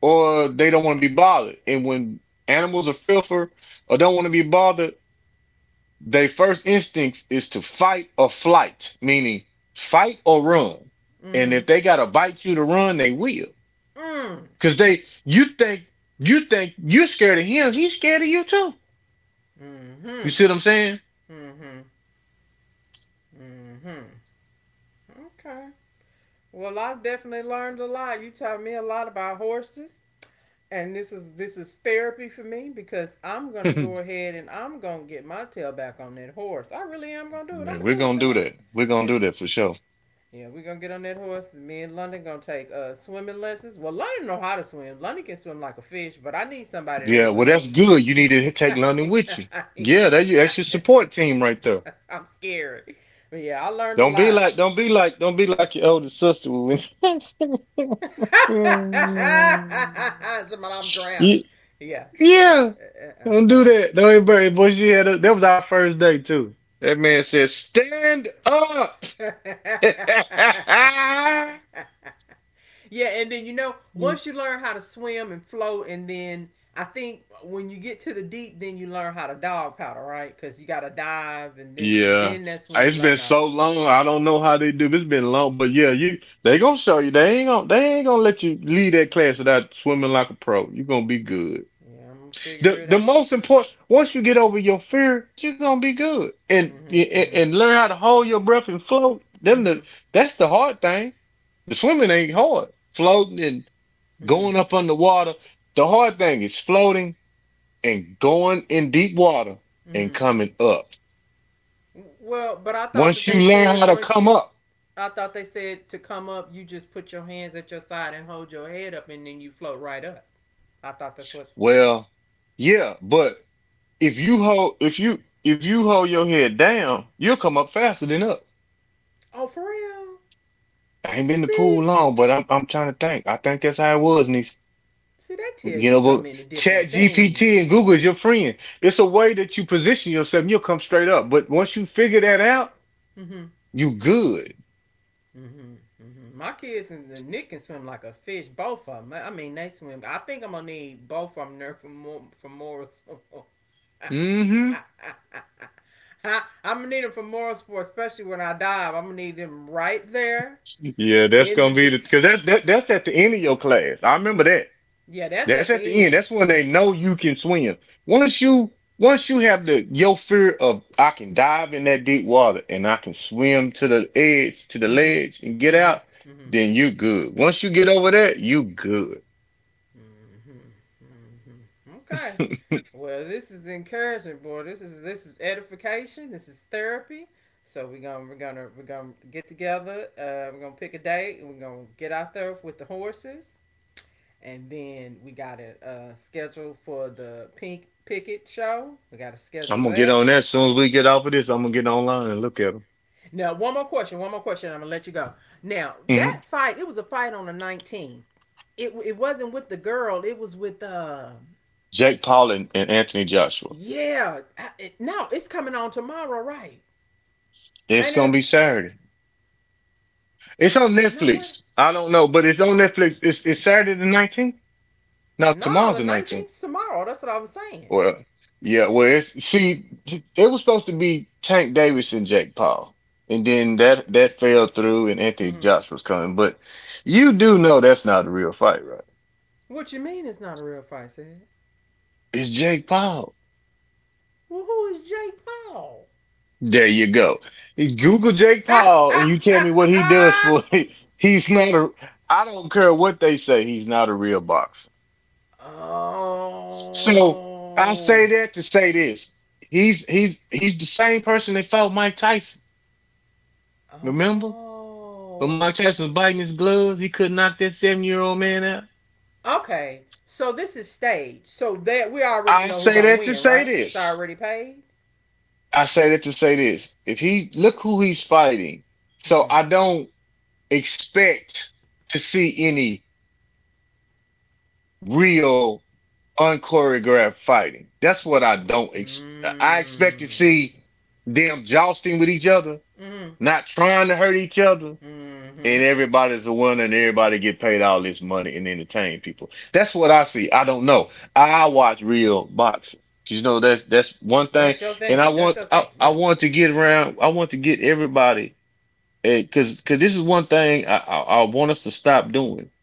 Speaker 2: or they don't want to be bothered. And when animals are fearful or don't want to be bothered, their first instinct is to fight or flight, meaning fight or run. And
Speaker 1: Mm-hmm.
Speaker 2: if they gotta bite you to run, they will.
Speaker 1: Mm.
Speaker 2: Cause they, you think, You think you're scared of him. He's scared of you too. You
Speaker 1: Mm-hmm.
Speaker 2: see what I'm saying?
Speaker 1: Mm-hmm. Mm-hmm. Okay. Well, I've definitely learned a lot. You taught me a lot about horses, and this is therapy for me because I'm gonna go ahead and I'm gonna get my tail back on that horse. I really am gonna do it. I'm
Speaker 2: Man,
Speaker 1: gonna
Speaker 2: we're
Speaker 1: do it,
Speaker 2: gonna do
Speaker 1: Seth.
Speaker 2: that. We're gonna
Speaker 1: And
Speaker 2: do that for sure.
Speaker 1: yeah, we're gonna get on that horse. Me and London gonna take swimming lessons. Well, London know how to swim. London can swim like a fish, but I need somebody
Speaker 2: Yeah,
Speaker 1: there
Speaker 2: well,
Speaker 1: with
Speaker 2: that's
Speaker 1: me.
Speaker 2: good. You need to take London with you.
Speaker 1: I need
Speaker 2: Yeah, that's your
Speaker 1: somebody.
Speaker 2: support team right there.
Speaker 1: I'm scared. But yeah, I learned a lot.
Speaker 2: Don't be like your older sister.
Speaker 1: But I'm drowning.
Speaker 2: Ye-
Speaker 1: Yeah. Uh, uh,
Speaker 2: yeah, don't
Speaker 1: uh, uh,
Speaker 2: do that. Don't even worry, Boy, that was our first day too. That
Speaker 1: uh.
Speaker 2: man said, "Stand up."
Speaker 1: Yeah, and then you know, once you learn how to swim and float, and then I think when you get to the deep, then you learn how to dog paddle, right? Because you got to dive, and then and
Speaker 2: Yeah,
Speaker 1: then that's when you
Speaker 2: it's been
Speaker 1: learn how.
Speaker 2: so long. I don't know how they do. It's been long, but yeah, you they gonna show you. They ain't gonna let you leave that class without swimming like a pro. You gonna be good.
Speaker 1: Yeah, I'm gonna figure
Speaker 2: The
Speaker 1: it
Speaker 2: the
Speaker 1: out.
Speaker 2: most important, once you get over your fear, you're gonna be good, and, and
Speaker 1: Mm-hmm,
Speaker 2: and learn how to hold your breath and float. Them
Speaker 1: mm-hmm,
Speaker 2: the That's the hard thing. The swimming ain't hard. Floating and
Speaker 1: mm-hmm, mm-hmm,
Speaker 2: going up underwater. The hard thing is floating and going in deep water and
Speaker 1: mm-hmm.
Speaker 2: coming up.
Speaker 1: Well, but I thought that
Speaker 2: Once
Speaker 1: they
Speaker 2: you learn how
Speaker 1: said
Speaker 2: to
Speaker 1: once
Speaker 2: come
Speaker 1: you,
Speaker 2: up.
Speaker 1: I thought they said to come up, you just put your hands at your side and hold your head up, and then you float right up. I thought that's what.
Speaker 2: Well, yeah, but if you hold your head down, you'll come up faster than up.
Speaker 1: Oh, for real?
Speaker 2: I ain't been in the pool
Speaker 1: See,
Speaker 2: long, but I'm trying to think. I think that's how it was, niece.
Speaker 1: see, they tell
Speaker 2: You
Speaker 1: you
Speaker 2: know,
Speaker 1: so
Speaker 2: but
Speaker 1: many different
Speaker 2: Chat
Speaker 1: things.
Speaker 2: GPT and Google is your friend. It's a way that you position yourself and you'll come straight up. But once you figure that out,
Speaker 1: Mm-hmm.
Speaker 2: you good.
Speaker 1: Mm-hmm, mm-hmm. My kids and Nick can swim like a fish. Both of them. I mean, they swim. I think I'm gonna need both of them there for more.
Speaker 2: Mm-hmm.
Speaker 1: I'm gonna need them for moral sport, especially when I dive. I'm gonna need them right there
Speaker 2: Yeah, that's
Speaker 1: in the
Speaker 2: gonna be
Speaker 1: d-
Speaker 2: the, because that's at the end of your class. I remember that.
Speaker 1: yeah, that's
Speaker 2: That's
Speaker 1: at
Speaker 2: at the
Speaker 1: the
Speaker 2: end.
Speaker 1: end.
Speaker 2: That's when they know you can swim. Once you have the your fear of I can dive in that deep water and I can swim to the edge, to the
Speaker 1: Mm-hmm.
Speaker 2: ledge and get
Speaker 1: Mm-hmm.
Speaker 2: out,
Speaker 1: Mm-hmm.
Speaker 2: then you good. Once you get over that, you good.
Speaker 1: Mm-hmm. Mm-hmm. Okay.
Speaker 2: I'm
Speaker 1: Well, this is encouragement, boy. This is edification. This is therapy. So we're gonna get together. We're gonna pick a date and we're gonna get out there with the horses. And then we got a schedule for the pink picket show. We got to schedule
Speaker 2: gonna get
Speaker 1: that.
Speaker 2: on that as soon as we get off of this. I'm gonna get online and look at them.
Speaker 1: Now, one more question. One more question. I'm gonna let you go. Now
Speaker 2: hmm
Speaker 1: that fight, it was a fight on the 19th. It wasn't with the girl. It was with
Speaker 2: Jake Paul and, Anthony Joshua.
Speaker 1: yeah. I, it, no, it's coming on tomorrow, right?
Speaker 2: It's
Speaker 1: Ain't
Speaker 2: gonna be
Speaker 1: it?
Speaker 2: Saturday. It's on
Speaker 1: No, what?
Speaker 2: Netflix. I don't know, but it's on Netflix. It's Saturday the 19th. No,
Speaker 1: No,
Speaker 2: tomorrow's
Speaker 1: the
Speaker 2: the 19th.
Speaker 1: 19th tomorrow. That's what I was saying.
Speaker 2: Well, yeah, well, it was supposed to be Tank Davis and Jake Paul, and then that fell through, and Anthony
Speaker 1: Hmm.
Speaker 2: Joshua was coming. But you do know that's not a real fight, right?
Speaker 1: What you mean? It's not a real fight, said.
Speaker 2: It's Jake Paul.
Speaker 1: Well, who is Jake Paul?
Speaker 2: There you go. You Google Jake Paul, and you tell me what he does for it. He's not a. I don't care what they say. He's not a real boxer. So I
Speaker 1: Oh.
Speaker 2: say that to say this. He's the same person that fought Mike Tyson. Remember? When
Speaker 1: Oh.
Speaker 2: Mike Tyson was biting his gloves, he couldn't knock that 70-year-old man out.
Speaker 1: Okay, so this is staged. So that we already
Speaker 2: I
Speaker 1: know who
Speaker 2: say
Speaker 1: gonna
Speaker 2: that to
Speaker 1: win,
Speaker 2: say
Speaker 1: right? It's
Speaker 2: this.
Speaker 1: already paid.
Speaker 2: I say that to say this. If he look who he's fighting, so
Speaker 1: Mm-hmm.
Speaker 2: I don't expect to see any real unchoreographed fighting. That's what I don't ex- I expect to
Speaker 1: Mm-hmm.
Speaker 2: see them jousting with each other,
Speaker 1: Mm-hmm.
Speaker 2: not trying to hurt each other,
Speaker 1: Mm-hmm.
Speaker 2: and everybody's a winner and everybody get paid all this money and entertain people. That's what I see. I don't know. I watch real boxing. That's one
Speaker 1: That's
Speaker 2: thing,
Speaker 1: your
Speaker 2: and
Speaker 1: thing. That's your thing.
Speaker 2: I
Speaker 1: Yeah.
Speaker 2: want to get around. I want to get everybody because this is one thing I want us to stop doing.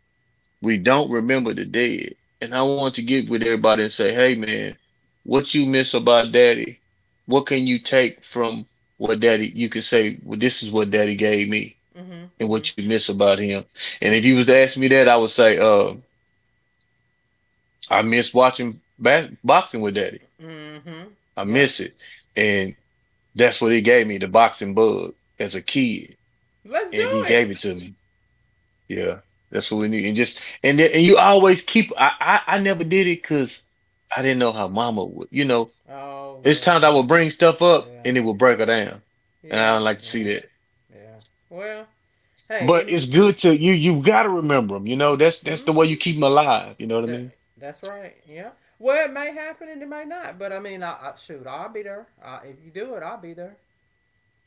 Speaker 2: We don't remember the dead, and I want to get with everybody and say, hey man, what you miss about Daddy? What can you take from what Daddy? You can say, well, this is what Daddy gave me
Speaker 1: Mm-hmm.
Speaker 2: and what you miss about him. And
Speaker 1: Mm-hmm.
Speaker 2: if you was to ask me that, I would say, I miss watching boxing with Daddy.
Speaker 1: Mm-hmm. Mm-hmm.
Speaker 2: I
Speaker 1: Yep.
Speaker 2: miss it, and that's what he gave me the boxing bug as a kid,
Speaker 1: Let's do
Speaker 2: and he
Speaker 1: it.
Speaker 2: gave it to me. Yeah, that's what we need. And just and then, and you always keep. I never did it because I didn't know how Mama would. You know,
Speaker 1: Oh
Speaker 2: it's
Speaker 1: well,
Speaker 2: times I
Speaker 1: yeah,
Speaker 2: would bring stuff up
Speaker 1: yeah,
Speaker 2: and it would break her down, and I
Speaker 1: yeah,
Speaker 2: don't like to see
Speaker 1: yeah,
Speaker 2: that.
Speaker 1: yeah. Well, hey,
Speaker 2: But
Speaker 1: it.
Speaker 2: it's good to you. You got to remember them. You know, that's the way you keep
Speaker 1: Mm-hmm.
Speaker 2: them alive. You know what I
Speaker 1: Th-
Speaker 2: mean?
Speaker 1: that's right. Yeah. Well, it may happen and it may not, but I mean, I shoot, I'll be there. I, if you do it, I'll be there.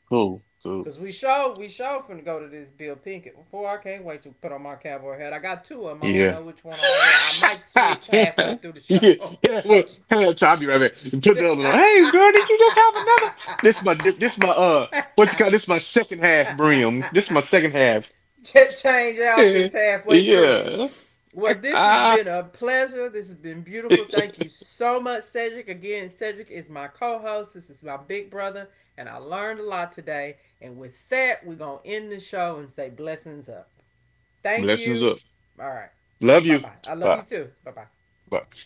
Speaker 2: Cool, cool.
Speaker 1: Cause we show finna go to this Bill Pinkett. Boy, I can't wait to put on my cowboy hat. I got two of them. I don't
Speaker 2: Yeah.
Speaker 1: know which one I'm gonna wear. I might switch halfway
Speaker 2: Yeah.
Speaker 1: through the show.
Speaker 2: Yeah.
Speaker 1: Go.
Speaker 2: Wait,
Speaker 1: To-
Speaker 2: Hey, I'll be right back. Put the other one on. Hey, girl, did you just have another? This is my dip. This is my. What you call this? Is my second half brim. This is my second half.
Speaker 1: change
Speaker 2: Yeah.
Speaker 1: outfits halfway through.
Speaker 2: Yeah.
Speaker 1: Well, this has been a pleasure. This has been beautiful. Thank you so much, Cedric. Again, Cedric is my co host. This is my big brother, and I learned a lot today. And with that, we're going to end the show and say blessings up. Thank
Speaker 2: Blessings
Speaker 1: you.
Speaker 2: up.
Speaker 1: All right.
Speaker 2: Love
Speaker 1: Bye
Speaker 2: you.
Speaker 1: bye. I love you
Speaker 2: Bye.
Speaker 1: too. Bye bye.
Speaker 2: Bye.